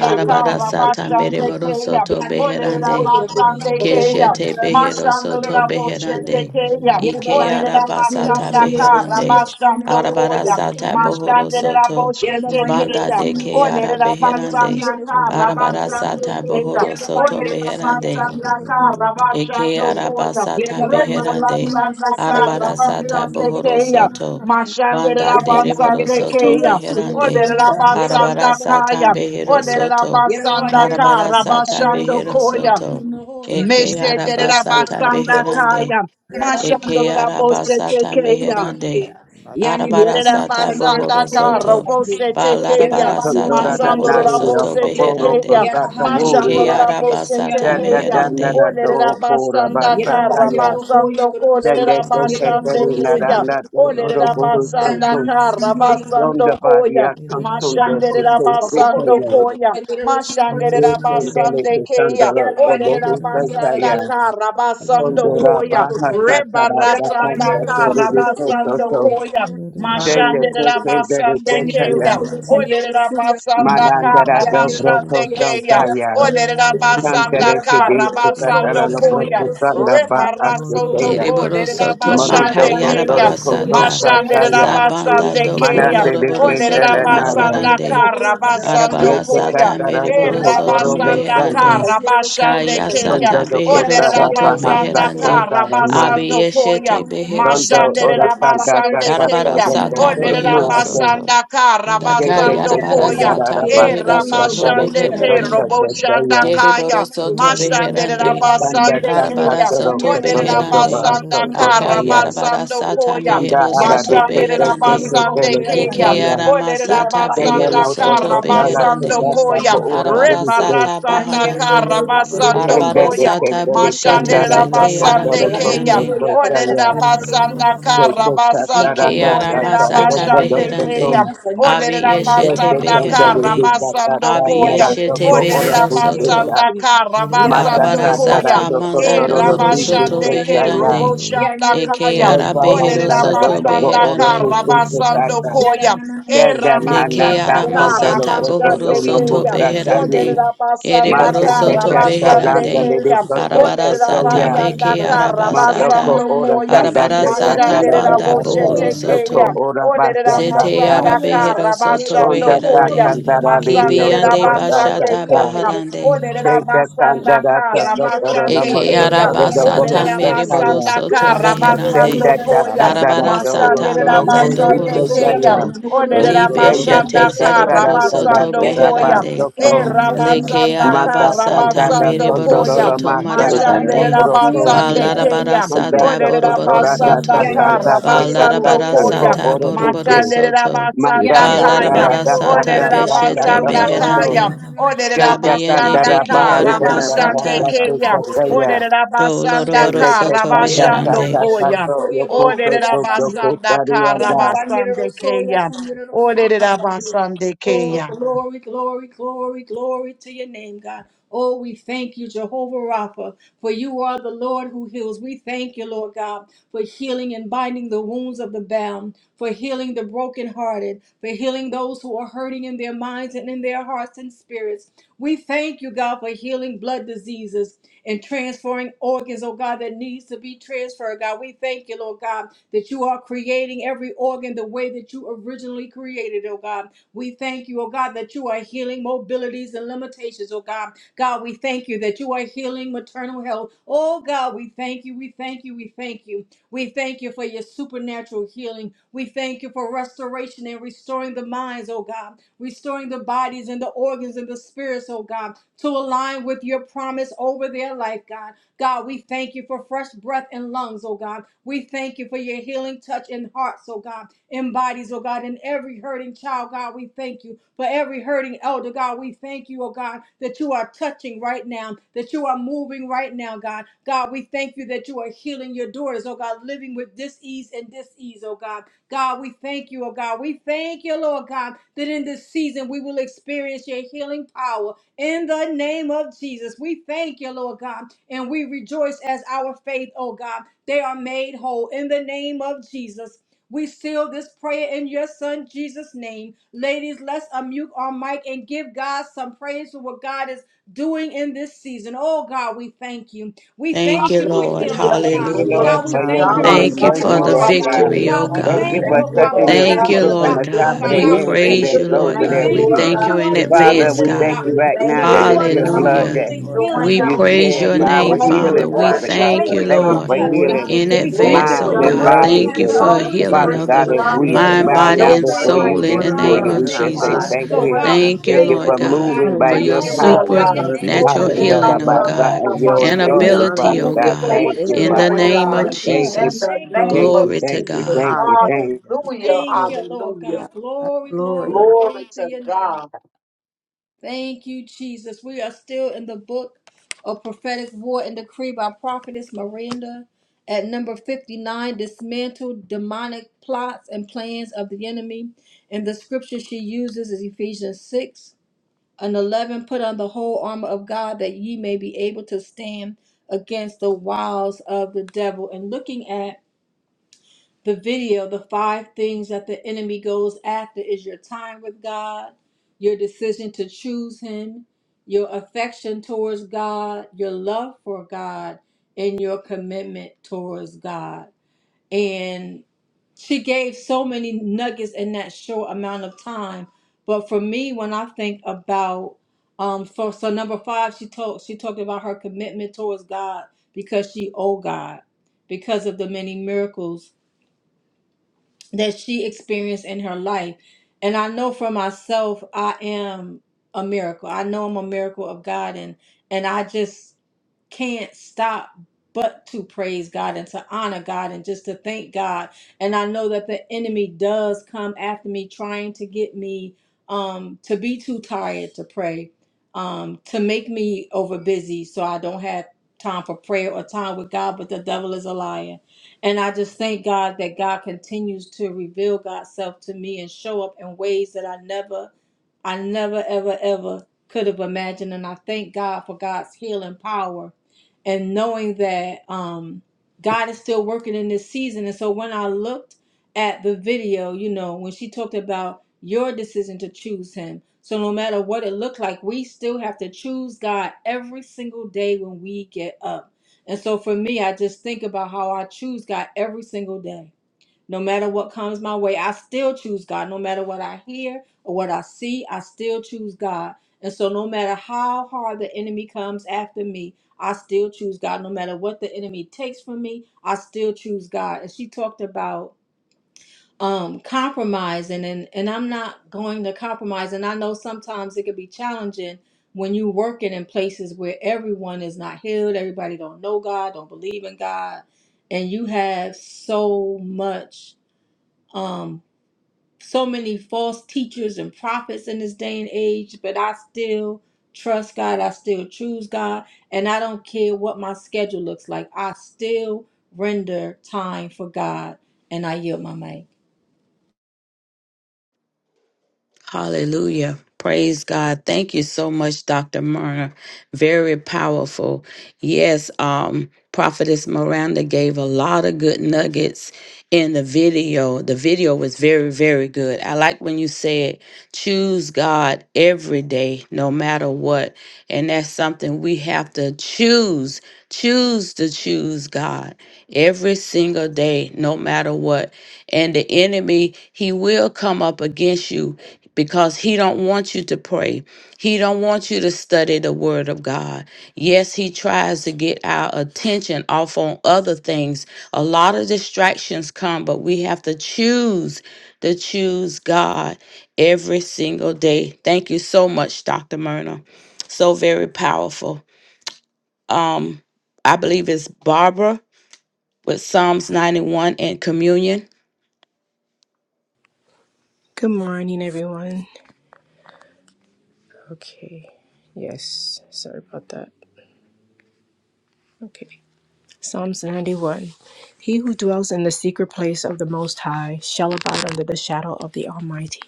Arabara sata mereboro soto beherande.
Olerabasandekeya.
Keshete behero soto beherande.
Mashandoraboshetekeya.
Ike arabasata beherande.
Olerabasandakarabasandokoya.
Arabarasata bohoro soto. Banda
Mashandoraboshetekeya.
de ke ara beherande. Arabarasata
Olerabasandakarabasandokeya.
bohoro soto meherande. Eke
Olerabasandakarabasandokoya.
yeah,
arabasata
baba you look to
beherande,
your soul, look to your
arabarasata
soul, look
bohoro
to
Rebarasandakarabasandekeya.
soto,
your soul.
banda
Yeah, baba you
dereboro
look to
soto
your
Mashanderabasandekeya.
soul, your
beherande,
soul, yeah. Yeah, baba
Olerabasandakaya.
arabarasata behero
Yerba bandero suyos, suyos, suyos, suyos, suyos,
soto,
Yerba bandero suyos,
arabarasata
suyos,
behero
Olerabasandakarabasandokoya.
soto,
Shit.
suyos,
eke
Yerba bandero suyos, Yerba bandero
arabasata
suyos, bandero suyos, suyos, Yerba bandero suyos,
beherande,
Meshederabasandakaya.
Kerala
eke arabasata
Mashandoraboshetekeya.
meherande,
Yani
Yerera
suyos,
arabarasata
bandero
basanda
bohoro
karo
soto,
bose
suyos, Yerba
tekeya.
bandero no no
Condora
balarabarasata
no
da
no
Masandoro
ya
bohoro
nario
sasas.
soto
rabose
kaporo
tekeya.
beherande,
Yerba
kosata
hanu no no
ike
Masandoro
ya
wuria.
rabose
suyos,
arabasata
Yata
tekeya.
meherande,
danara do
Olerera
yerba
kora
basanda
basata
kara
ya.
basando
Sende
kolerera
te te te
basande
re
keya.
narana donoro
Olerera
buru
basanda
soto.
kara
Ronda
basando
baria
koya.
kansundo
Mashandere
te te te te
rabasando
ye.
koya, mashandere
Yeke ndele
Yerra
rabasande
te
keya,
sandoro
olere
obohu sata
rabasanda
ya.
ka
Yes,
rabasando
Condora
koya,
baha sata
reba
ra ta ta
rasanda
ta te
ka
re re so so
rabasando
so.
koya,
Sende te
mashandere
te te re te
rabasande
te ya.
keya, olere rabasanda ka
Madandara do
rabasande
broko
Rosha,
keya,
santaya.
olere rabasanda
Sandere
ka
kede tikatala
rabasando
lo
koya,
broko sanda ba
reba rasoto
aseteya.
ko, olere
Dereborosoto
rabasande
Moronto
keya,
kotoro koto
makayarabarasata.
Mashandera
sataya.
Zabanda
basande
doko
keya.
Madandele
Oderera
loroborosoto
ketele naya.
basanda
marabarande.
kara, Mashanderabasandekeya.
Yete
Arabarasata
koya.
katara
E
toho
mereborosoto
koro do
rabasanda
santa.
kara,
meherande.
rabashande keya.
Sondo
Kayasata
do
Ole
kotara
beherosoto
baha
rabasanda
beherande.
kara,
satara ma.
rabasando koya.
Abiyeshete
Sondo
Mashande
beherosoto.
ora kanda
rabasande
katato
keya.
do
Russia,
Darabarasata
Ole
kotoro ma
Yerababa
ase.
meherosoto.
rabasanda kara,
Kete
Oh,
rabasando
kete
yeah, I can
koya.
adopt
kandara
the
Dakayarabarasata
year
E
you
rabasa
flew your
beherosoto
satara
bobo, you
rabashande
can
koto
ke
run
beherande.
your double
roboshanda
sataya.
kaya.
Dereborosoto
Mashande
beherande.
Sanda
rabasande
Arabara
keya.
Takatoro
soto
Ole
Kotoro Doba
beherande.
Aso
rabasanda kara,
Kotaya
Akayarabara
rabasando
sata
koya.
Manda
mehero
Ara de
soto
Kete
Mashandera
beherande.
Kete Kele
basande keya.
Ike
Ketaya
arama
Olerera
sata
Kele
behero
basanda
Noto
soto
kara
Sotala
koyam.
beherande.
Ketaka
koya.
Boora
Arabara
Budiste
sata
Rebarasanda
baharande.
kara koyam.
and
Arabara
Dete
koya.
sata
Kete de
boshete
Mashandera
Kandara
zete
Toto
Hana
basande
Toro
gara no no
keya.
Koto
no
arabeherande.
ya gara
Olerera
Kotaya
sana gara
basanda
suya
kara
Kete Katara
basando
Ike
sana
Nata
arama
kolerera
yeah,
sata
Kotoro
basande
Koto
beherande.
keya.
Abi
Olerera
yeshete
Kete
basanda
Kandari
kara
de
beherande.
basando
Katata
Abi
koya.
Narato
yeshete
Ora
Olerera
behero
Budiste
Ba-ba-ba.
soto.
basanda kara
Mata
basando
Arabara
Katara
Ida-da-da-ba-ba-ba-ba-sha.
koya.
sata manda
E
Tokotoro
dohoro
Ru-ru-ru.
Budiste
soto
rabashande ke
Kotaya
beherande.
robo
Ora-uli.
shanda
Eke
kaya.
ara
Orere
behero
Ora-ra-ba-ba-ba-ba-ru-sha.
soto
rabasanda ka
beherande.
rabasando
Yara
Ida-da-da-ba-ba-ba-sha.
koya.
na na na
E
na sandi.
Eke
rabasanda
ara
Yara
ka
baba ni
masata
Ida-da-ba-ba-ba-ba-ru-sha.
kere ro
bohoro
rabashande
soya ro
soto
keya.
soya
Orere
beherande.
sandi.
Ora-ba-ba-ru-sha.
Yara
rabasanda
Ereboro
baba
ka
ni kere
soto
ro soya
rabashande
sandi
beherande.
ro
keya.
Ida-da-da-ba-ba-ba-da-da-da-sha.
soya
Arabara
yara
Orere
ro soya
sata
ni kere
rabasanda
beke
ka
bana.
Ida-da-da-da-ba-ba-ba-sha.
Yana
Matoko
na
arabasata.
rabasando
na na
ora
na na
koya.
sanda
sandi
Arabara
te
ro
sanda
sata
Mashande
hoya
ra ra
banda
hoya
sa
ro
sa
raboshe
ra
bohoro
hoya na
Ora-ra-ba-sha.
joko
sandi.
tekeya.
soto.
ora
Orere
basa
Yana
sa
ro
Zete
sa
ara
rabasanda
hoya
Ida-da-ba-ba-sha.
na
ka
na
behero
sandi
soto
ro
sonda
rabashando
hoya na
ta
ba ba
kere
beherande.
koya.
sanda
da
ra li
bana.
li
Masande
o
de la
Kibiyande
joko
da
Hani
sa
sha
sa
ro
basande
bashata
sa
hoya kere
keya.
bana
baharande.
ida
Ode
kere
de
ro
la
sa.
senda sanda
basanda
Ida-da-da-ba-ba-ba-sha.
ra sa
kara
so so ro na
basande
mo
Eke
so so
keya.
araba
ro na
Ode
boho
sata
de la
Ora-ra-ba-ba-ba-sha.
sa sa
mereboro
ya
basanda
soto
kara
Lord, thank
beherande.
senda
basando
ta
koya.
sanda ra
Arabara
joko
Masande
sata
so
de
ro
la
you,
ko
manda
si sa
basande
dohoro
keya.
sa
soto.
Ode de
or
la
Libe
Yenda
Rabas,
shete
basanda
teka
kara
tara
zereboro
tanda
soto
basando
Sokoto
tara
koya.
beherande.
Rabasa
E
basoko.
Kandirabasa
Leke
rabasanda
Mata
araba
kara
sata
tanda da
basando
mereboro
koya.
kondororo
soto
masa
Masande
tata
de
marabarande.
Kandirabasa
la
broko.
basande
Kandirabasa
Balarabara
keya.
Manda
Sokoto
sata
Ode de
toko
la
boroboro
tora data
basanda
soto.
kanda
kara
Kandirabasa
teka
basando
Balarabara
tasa
koya
ko
Sokoto
sata
oro
Yeah,
buche.
boroboro
basanda basanda basanda
soto.
Mata
basanda
Yang yellow,
kaya,
katara
Balarabara
Kandirabasa
yellow,
data
sata
yan,
Orera
Sokoto
tata
garam
beshete
yellow,
tata
basanda
soto.
Rabasa
ho,
kara
beherande.
yan, na yan.
Shenda
Kabeyende
kanda
Ah,
da
yan
beke
yellow,
bahasa
araba
ho, yan ang
Kandirabasa
sata.
basande
gabi
kanda
sa mga
kaya,
teka
ho, yan,
Kandirabasa
taya.
kundi
Orera
sa
Do
basanda
natan
Loroboro
Shenda
yan.
kara
Soto
teka
Yan
tata
ang
basando
gabahan
tata
Meherande.
yellow,
koya.
tato
so yan, bago ho,
yokoso to
yan,
Orera
yoko soto
san
doko
yan.
basanda
Yan
kara
ang
tarianda.
gabahan yellow,
basande
so yan,
kaya, Masanderabasandakaya.
san
Oderabasandakaya. Oderabasandaka. Rabashandekeya. Oderabasandaka. Rabashandokoya. Oderabasandaka. Rabasandekeya.
yellow, so yan. Oh,
Oderabasandeke.
glory, glory, glory, glory to your name, God. Oh, we thank you, Jehovah Rapha, for you are the Lord who heals. We thank you, Lord God, for healing and binding the wounds of the bound, for healing the brokenhearted, for healing those who are hurting in their minds and in their hearts and spirits. We thank you, God, for healing blood diseases and transferring organs, oh God, that needs to be transferred, God. We thank you, Lord God, that you are creating every organ the way that you originally created, oh God. We thank you, oh God, that you are healing mobilities and limitations, oh God. God, we thank you that you are healing maternal health. Oh God, we thank you, we thank you, we thank you. We thank you for your supernatural healing. We thank you for restoration and restoring the minds, oh God, restoring the bodies and the organs and the spirits, oh God, to align with your promise over their life, God. God, we thank you for fresh breath and lungs, oh God. We thank you for your healing touch in hearts, oh God embodies, oh God, in every hurting child, God, we thank you. For every hurting elder, God, we thank you, oh God, that you are touching right now, that you are moving right now, God. God, we thank you that you are healing your daughters, oh God, living with disease and disease, oh God. God, we thank you, oh God. We thank you, Lord God, that in this season we will experience your healing power in the name of Jesus. We thank you, Lord God, and we rejoice as our faith, oh God. They are made whole in the name of Jesus. We seal this prayer in your son Jesus' name. Ladies, let's unmute our mic and give God some praise for what God is doing in this season. Oh God, we thank you. We
Thank
thank
you,
you for
Lord.
healing, oh
Hallelujah.
Thank
God.
you,
God,
Glory
Lord,
Hallelujah.
God,
for
we
to
for
the
your
thank you
healing.
for
God.
healing
Thank
Hallelujah.
Ah,
you
you
for
virtue,
all
the
Thank
Rabbi
restoring,
Lord
you,
God.
Lord
the
God.
Shig.
victory,
praise,
oh
God.
God,
all
we
We
Thank
the
God.
In
you
thank you,
honor,
for
the
thank
oh
name
you,
God,
all
touching
for
the
Lord
of
your
Thank
Jesus,
Thank
God,
you,
glory.
people
baffling
what
from
Lord
the
you're
doctors,
you,
top
oh
doing
of
God.
God.
their
in
God,
Thank,
We
We
God,
this
we
heads to
thank
praise
thank
their
season.
you,
you,
you.
We
soles
Lord
Lord
of
We
thank
that
God.
their
God.
you,
by
We
thank
We
your
you
Lord
feet.
that
thank
honor
you
God,
you
you.
stripes
in
you,
are
for
We
we
the
are
give
true
you
Father,
and
healing.
advance,
healed,
we
living
Lord
thank
glory
God.
We
you
thank
and
doctor
God.
you,
right now
thank
praise
thank you,
that
you,
that
you
for
it's
are
Lord
In
your
this
the
thank
the
God,
you.
true
name
blood
for
and
of
Hallelujah.
day,
that
living
Lord
Jesus,
God.
healer,
restoring,
thank
We
you
you
God.
for
God.
We
the
praise
shed
thank
your
prayers
thank
for
We
you,
We
that were
Lord
our
name,
thank you,
God.
thank you
prayed
Father.
Lord
healing,
for
We
what
God,
Oh,
Father
for
we
you're
God.
thank
So
thank
you,
you
doing,
for
thank you
your
your
God.
Lord.
in the
for
you.
touch,
joy.
We
spirit
healing
God.
give
that
in
are
you
We thank
manifest
advance,
you
glory,
for
minds
oh
in the
your
Bless
God.
Your
and
natural.
God.
word
We
the
love,
name.
that
your
bodies.
give
Thank
has
you
you
And
the
We
for a
victory is
all
give you
the
ability
healing
to
Father
of
dispersed
glory,
praise,
we
God,
the
Bless
give
heal,
throughout
as
the
you
God.
this
we
the
honor,
name.
we
day
mind,
give
There's
bow
you
ability
body,
to
down
no
and
praise.
one
on
before
each
like
you
soul
transform,
in
We
you.
this
oh
one
the
of
You
God,
will
us
name
and
morning,
are our
to
of
we
bless
and our
make
just
King,
say
whole.
Hallelujah.
your
Jesus.
our
lives,
thank
name at
Lord
So,
you.
Lord,
all
God,
our
God,
I-
Hallelujah.
we
Thank
times.
you,
Thank
and
you
thank
Your
you,
Savior.
Lord
for
everyone
Lord
praise
We
God,
that's
God,
moving
and we
by
for
thank
your
your
Hallelujah.
you,
will
Thank
Lord
you.
connected
magnify
power.
to
your
God.
continually
us
be
in
name,
Oh,
the
supernatural
God.
for
in
Father
our
name.
healing,
Jesus.
God,
mouths.
oh
I
God,
Glory
and
to your
your
Thank
and
you,
name,
the
We
God.
authority,
God.
honor
ability,
you,
Father
Thank
oh
God.
you
Lord
We
God.
for
God,
We
what
Thank
thank
you,
thank
you,
you're
you
in
praise,
the
Lord
for
doing,
Father.
God,
your
name
for
of
God.
your
praise,
faithfulness.
Thank
blood.
you.
In
Jesus.
the
Thank you.
praise,
name
Thank
of
you.
Glory to
Thank you.
Jesus.
God.
Thank you.
praise
Thank you.
Hallelujah.
Hallelujah.
Thank you, Lord
Hallelujah.
God.
God.
God,
Glory, glory,
Glory.
Glory
glory to
to
your name.
God.
Thank you, Jesus. We are still in the book of prophetic war and decree by prophetess Miranda at number 59 dismantle demonic plots and plans of the enemy. And the scripture she uses is Ephesians 6 and 11 put on the whole armor of God that ye may be able to stand against the wiles of the devil. And looking at the video, the five things that the enemy goes after is your time with God, your decision to choose Him, your affection towards God, your love for God, and your commitment towards God. And she gave so many nuggets in that short amount of time. But for me, when I think about um, for so number five, she talked she talked about her commitment towards God because she owed God because of the many miracles that she experienced in her life. And I know for myself, I am a miracle. I know I'm a miracle of God, and and I just can't stop but to praise God and to honor God and just to thank God. And I know that the enemy does come after me trying to get me um to be too tired to pray, um to make me over busy so I don't have time for prayer or time with God, but the devil is a liar. And I just thank God that God continues to reveal God's self to me and show up in ways that I never I never ever ever could have imagined and I thank God for God's healing power and knowing that um, God is still working in this season. And so when I looked at the video, you know, when she talked about your decision to choose Him, so no matter what it looked like, we still have to choose God every single day when we get up. And so for me, I just think about how I choose God every single day no matter what comes my way, I still choose God. No matter what I hear or what I see, I still choose God. And so, no matter how hard the enemy comes after me, I still choose God. No matter what the enemy takes from me, I still choose God. And she talked about um compromising and and I'm not going to compromise and I know sometimes it could be challenging when you working in places where everyone is not healed, everybody don't know God, don't believe in God, and you have so much um, so many false teachers and prophets in this day and age, but I still trust God. I still choose God. And I don't care what my schedule looks like. I still render time for God. And I yield my mic.
Hallelujah. Praise God. Thank you so much, Dr. Myrna. Very powerful. Yes, um, Prophetess Miranda gave a lot of good nuggets in the video. The video was very, very good. I like when you said, choose God every day, no matter what. And that's something we have to choose, choose to choose God every single day, no matter what. And the enemy, he will come up against you because he don't want you to pray. He don't want you to study the word of God. Yes, he tries to get our attention off on other things. A lot of distractions come, but we have to choose to choose God every single day. Thank you so much, Dr. Myrna. So very powerful. Um I believe it's Barbara with Psalms 91 and communion.
Good morning, everyone. Okay. Yes. Sorry about that. Okay. Psalms 91. He who dwells in the secret place of the Most High shall abide under the shadow of the Almighty.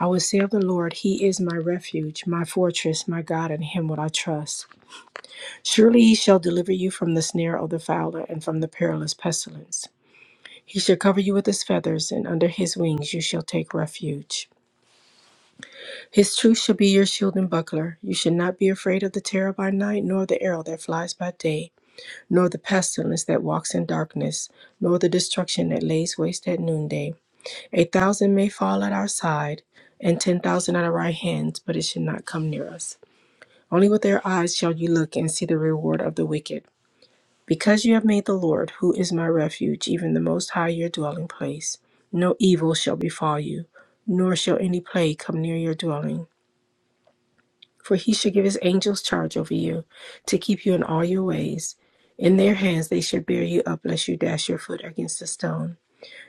I will say of the Lord, He is my refuge, my fortress, my God, in Him will I trust. Surely he shall deliver you from the snare of the fowler and from the perilous pestilence. He shall cover you with his feathers, and under his wings you shall take refuge. His truth shall be your shield and buckler. You shall not be afraid of the terror by night, nor the arrow that flies by day, nor the pestilence that walks in darkness, nor the destruction that lays waste at noonday. A thousand may fall at our side, and ten thousand at our right hands, but it shall not come near us. Only with their eyes shall you look and see the reward of the wicked Because you have made the Lord, who is my refuge, even the Most High, your dwelling place, no evil shall befall you, nor shall any plague come near your dwelling. For he shall give his angels charge over you, to keep you in all your ways. In their hands they shall bear you up, lest you dash your foot against a stone.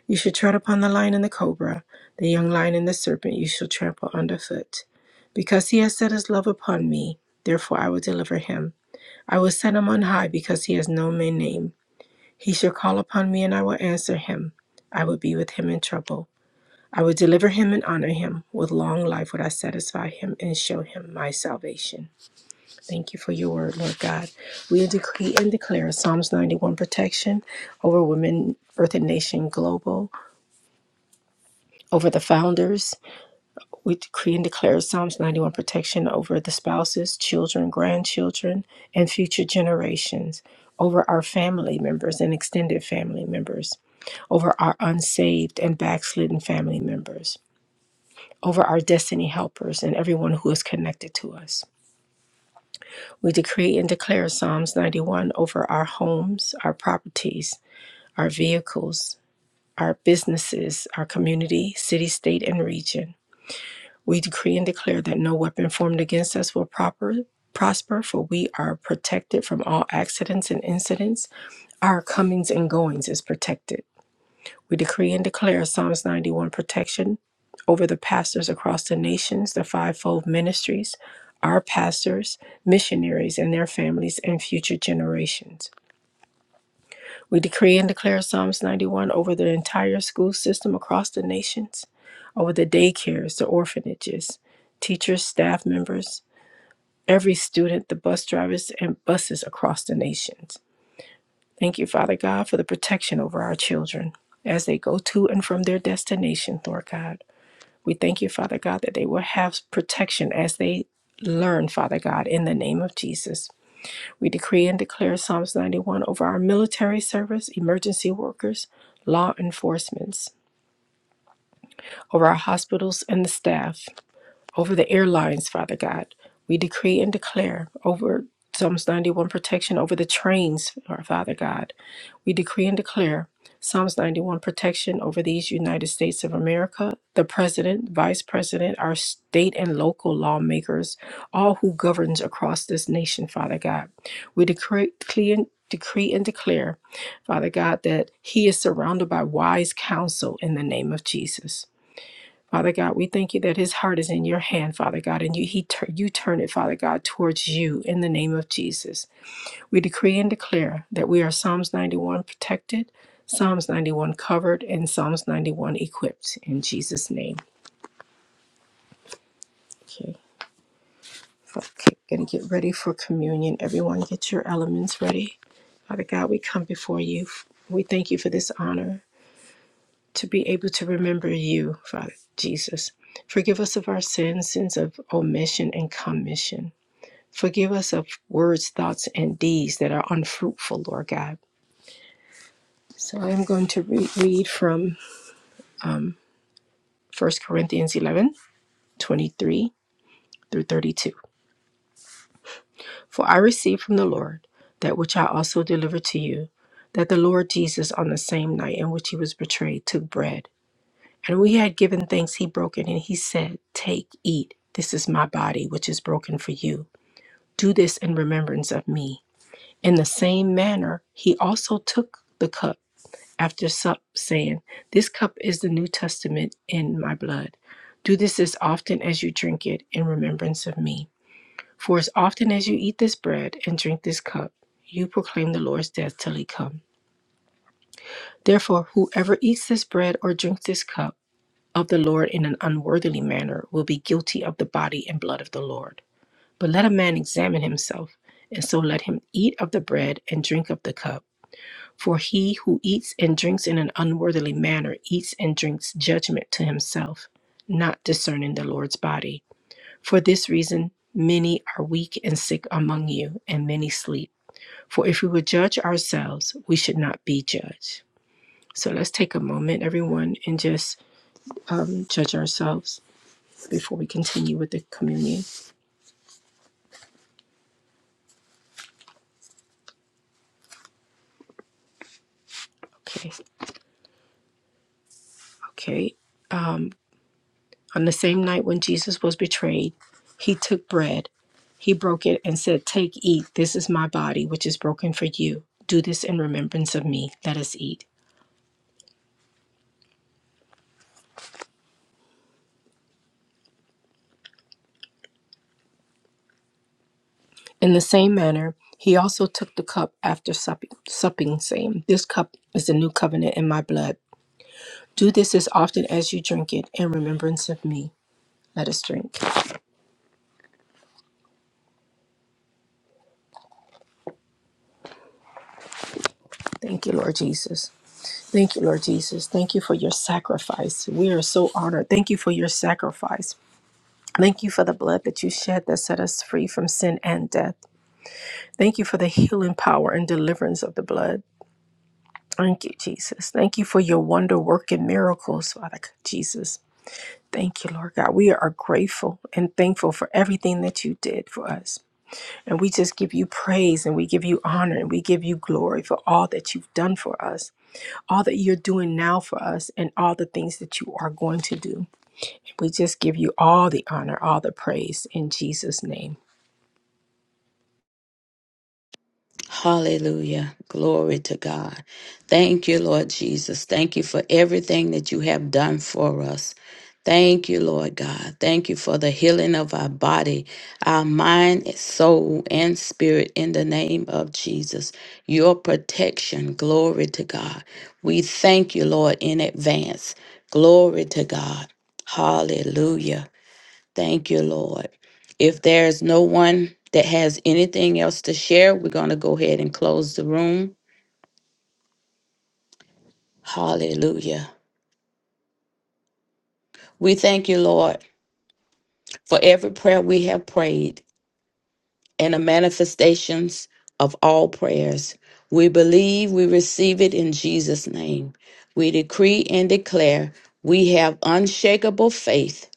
You shall tread upon the lion and the cobra, the young lion and the serpent you shall trample underfoot. Because he has set his love upon me, therefore I will deliver him. I will set him on high because he has known my name. He shall call upon me, and I will answer him. I will be with him in trouble. I will deliver him and honor him. With long life would I satisfy him and show him my salvation. Thank you for your word, Lord God. We decree and declare Psalms 91 protection over women, earth and nation global, over the founders. We decree and declare Psalms 91 protection over the spouses, children, grandchildren, and future generations, over our family members and extended family members, over our unsaved and backslidden family members, over our destiny helpers and everyone who is connected to us. We decree and declare Psalms 91 over our homes, our properties, our vehicles, our businesses, our community, city, state, and region We decree and declare that no weapon formed against us will proper, prosper, for we are protected from all accidents and incidents. Our comings and goings is protected. We decree and declare Psalms 91 protection over the pastors across the nations, the fivefold ministries, our pastors, missionaries, and their families, and future generations. We decree and declare Psalms 91 over the entire school system across the nations, over the daycares, the orphanages, teachers, staff members, every student, the bus drivers, and buses across the nations. Thank you, Father God, for the protection over our children as they go to and from their destination, Lord God. We thank you, Father God, that they will have protection as they learn, Father God, in the name of Jesus. We decree and declare Psalms 91 over our military service, emergency workers, law enforcements, over our hospitals and the staff, over the airlines, Father God. We decree and declare over Psalms 91 protection over the trains, our Father God. We decree and declare Psalms 91 protection over these United States of America, the president, vice president, our state and local lawmakers, all who governs across this nation, Father God. We decree, decree and decree and declare, Father God, that he is surrounded by wise counsel in the name of Jesus. Father God, we thank you that his heart is in your hand, Father God, and you he you turn it, Father God, towards you in the name of Jesus. We decree and declare that we are Psalms 91 protected, Psalms 91 covered, and Psalms 91 equipped in Jesus' name. Okay. Okay, gonna get ready for communion. Everyone, get your elements ready. Father God, we come before you. We thank you for this honor to be able to remember you, Father Jesus. Forgive us of our sins, sins of omission and commission. Forgive us of words, thoughts, and deeds that are unfruitful, Lord God. So I am going to re- read from First Corinthians 11 23 through 32. For I received from the Lord that which I also delivered to you, that the Lord Jesus, on the same night in which he was betrayed, took bread. And when he had given thanks, he broke it, and he said, Take, eat. This is my body, which is broken for you. Do this in remembrance of me. In the same manner, he also took the cup after sup, saying, This cup is the New Testament in my blood. Do this as often as you drink it in remembrance of me. For as often as you eat this bread and drink this cup, you proclaim the Lord's death till he come. Therefore, whoever eats this bread or drinks this cup of the Lord in an unworthily manner will be guilty of the body and blood of the Lord. But let a man examine himself, and so let him eat of the bread and drink of the cup. For he who eats and drinks in an unworthily manner eats and drinks judgment to himself, not discerning the Lord's body. For this reason, many are weak and sick among you, and many sleep. For if we would judge ourselves, we should not be judged. So let's take a moment, everyone, and just um, judge ourselves before we continue with the communion. Okay, okay. On the same night when Jesus was betrayed, he took bread. He broke it and said, Take, eat. This is my body, which is broken for you. Do this in remembrance of me. Let us eat. In the same manner, he also took the cup after supping, supping saying, This cup is the new covenant in my blood. Do this as often as you drink it in remembrance of me. Let us drink. Thank you, Lord Jesus. Thank you, Lord Jesus. Thank you for your sacrifice. We are so honored. Thank you for your sacrifice. Thank you for the blood that you shed that set us free from sin and death. Thank you for the healing power and deliverance of the blood. Thank you, Jesus. Thank you for your wonder working miracles, Father God, Jesus. Thank you, Lord God. We are grateful and thankful for everything that you did for us. And we just give you praise and we give you honor and we give you glory for all that you've done for us, all that you're doing now for us, and all the things that you are going to do. We just give you all the honor, all the praise in Jesus' name.
Hallelujah. Glory to God. Thank you, Lord Jesus. Thank you for everything that you have done for us. Thank you, Lord God. Thank you for the healing of our body, our mind, soul, and spirit in the name of Jesus. Your protection. Glory to God. We thank you, Lord, in advance. Glory to God. Hallelujah. Thank you, Lord. If there's no one that has anything else to share, we're going to go ahead and close the room. Hallelujah. We thank you, Lord, for every prayer we have prayed and the manifestations of all prayers. We believe we receive it in Jesus' name. We decree and declare we have unshakable faith.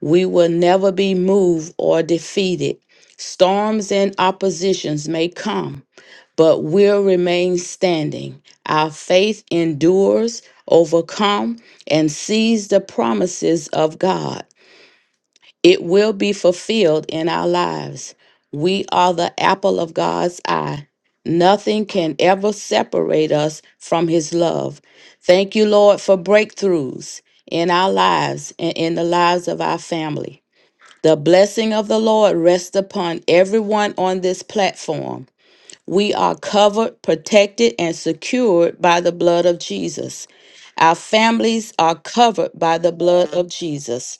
We will never be moved or defeated. Storms and oppositions may come but will remain standing. Our faith endures, overcome, and sees the promises of God. It will be fulfilled in our lives. We are the apple of God's eye. Nothing can ever separate us from His love. Thank you, Lord, for breakthroughs in our lives and in the lives of our family. The blessing of the Lord rests upon everyone on this platform. We are covered, protected, and secured by the blood of Jesus. Our families are covered by the blood of Jesus.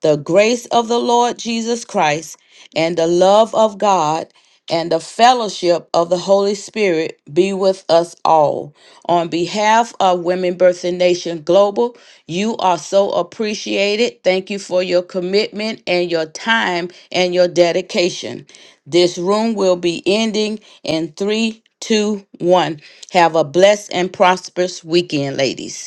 The grace of the Lord Jesus Christ and the love of God and the fellowship of the Holy Spirit be with us all. On behalf of Women Birthing Nation Global, you are so appreciated. Thank you for your commitment and your time and your dedication. This room will be ending in three, two, one. Have a blessed and prosperous weekend, ladies.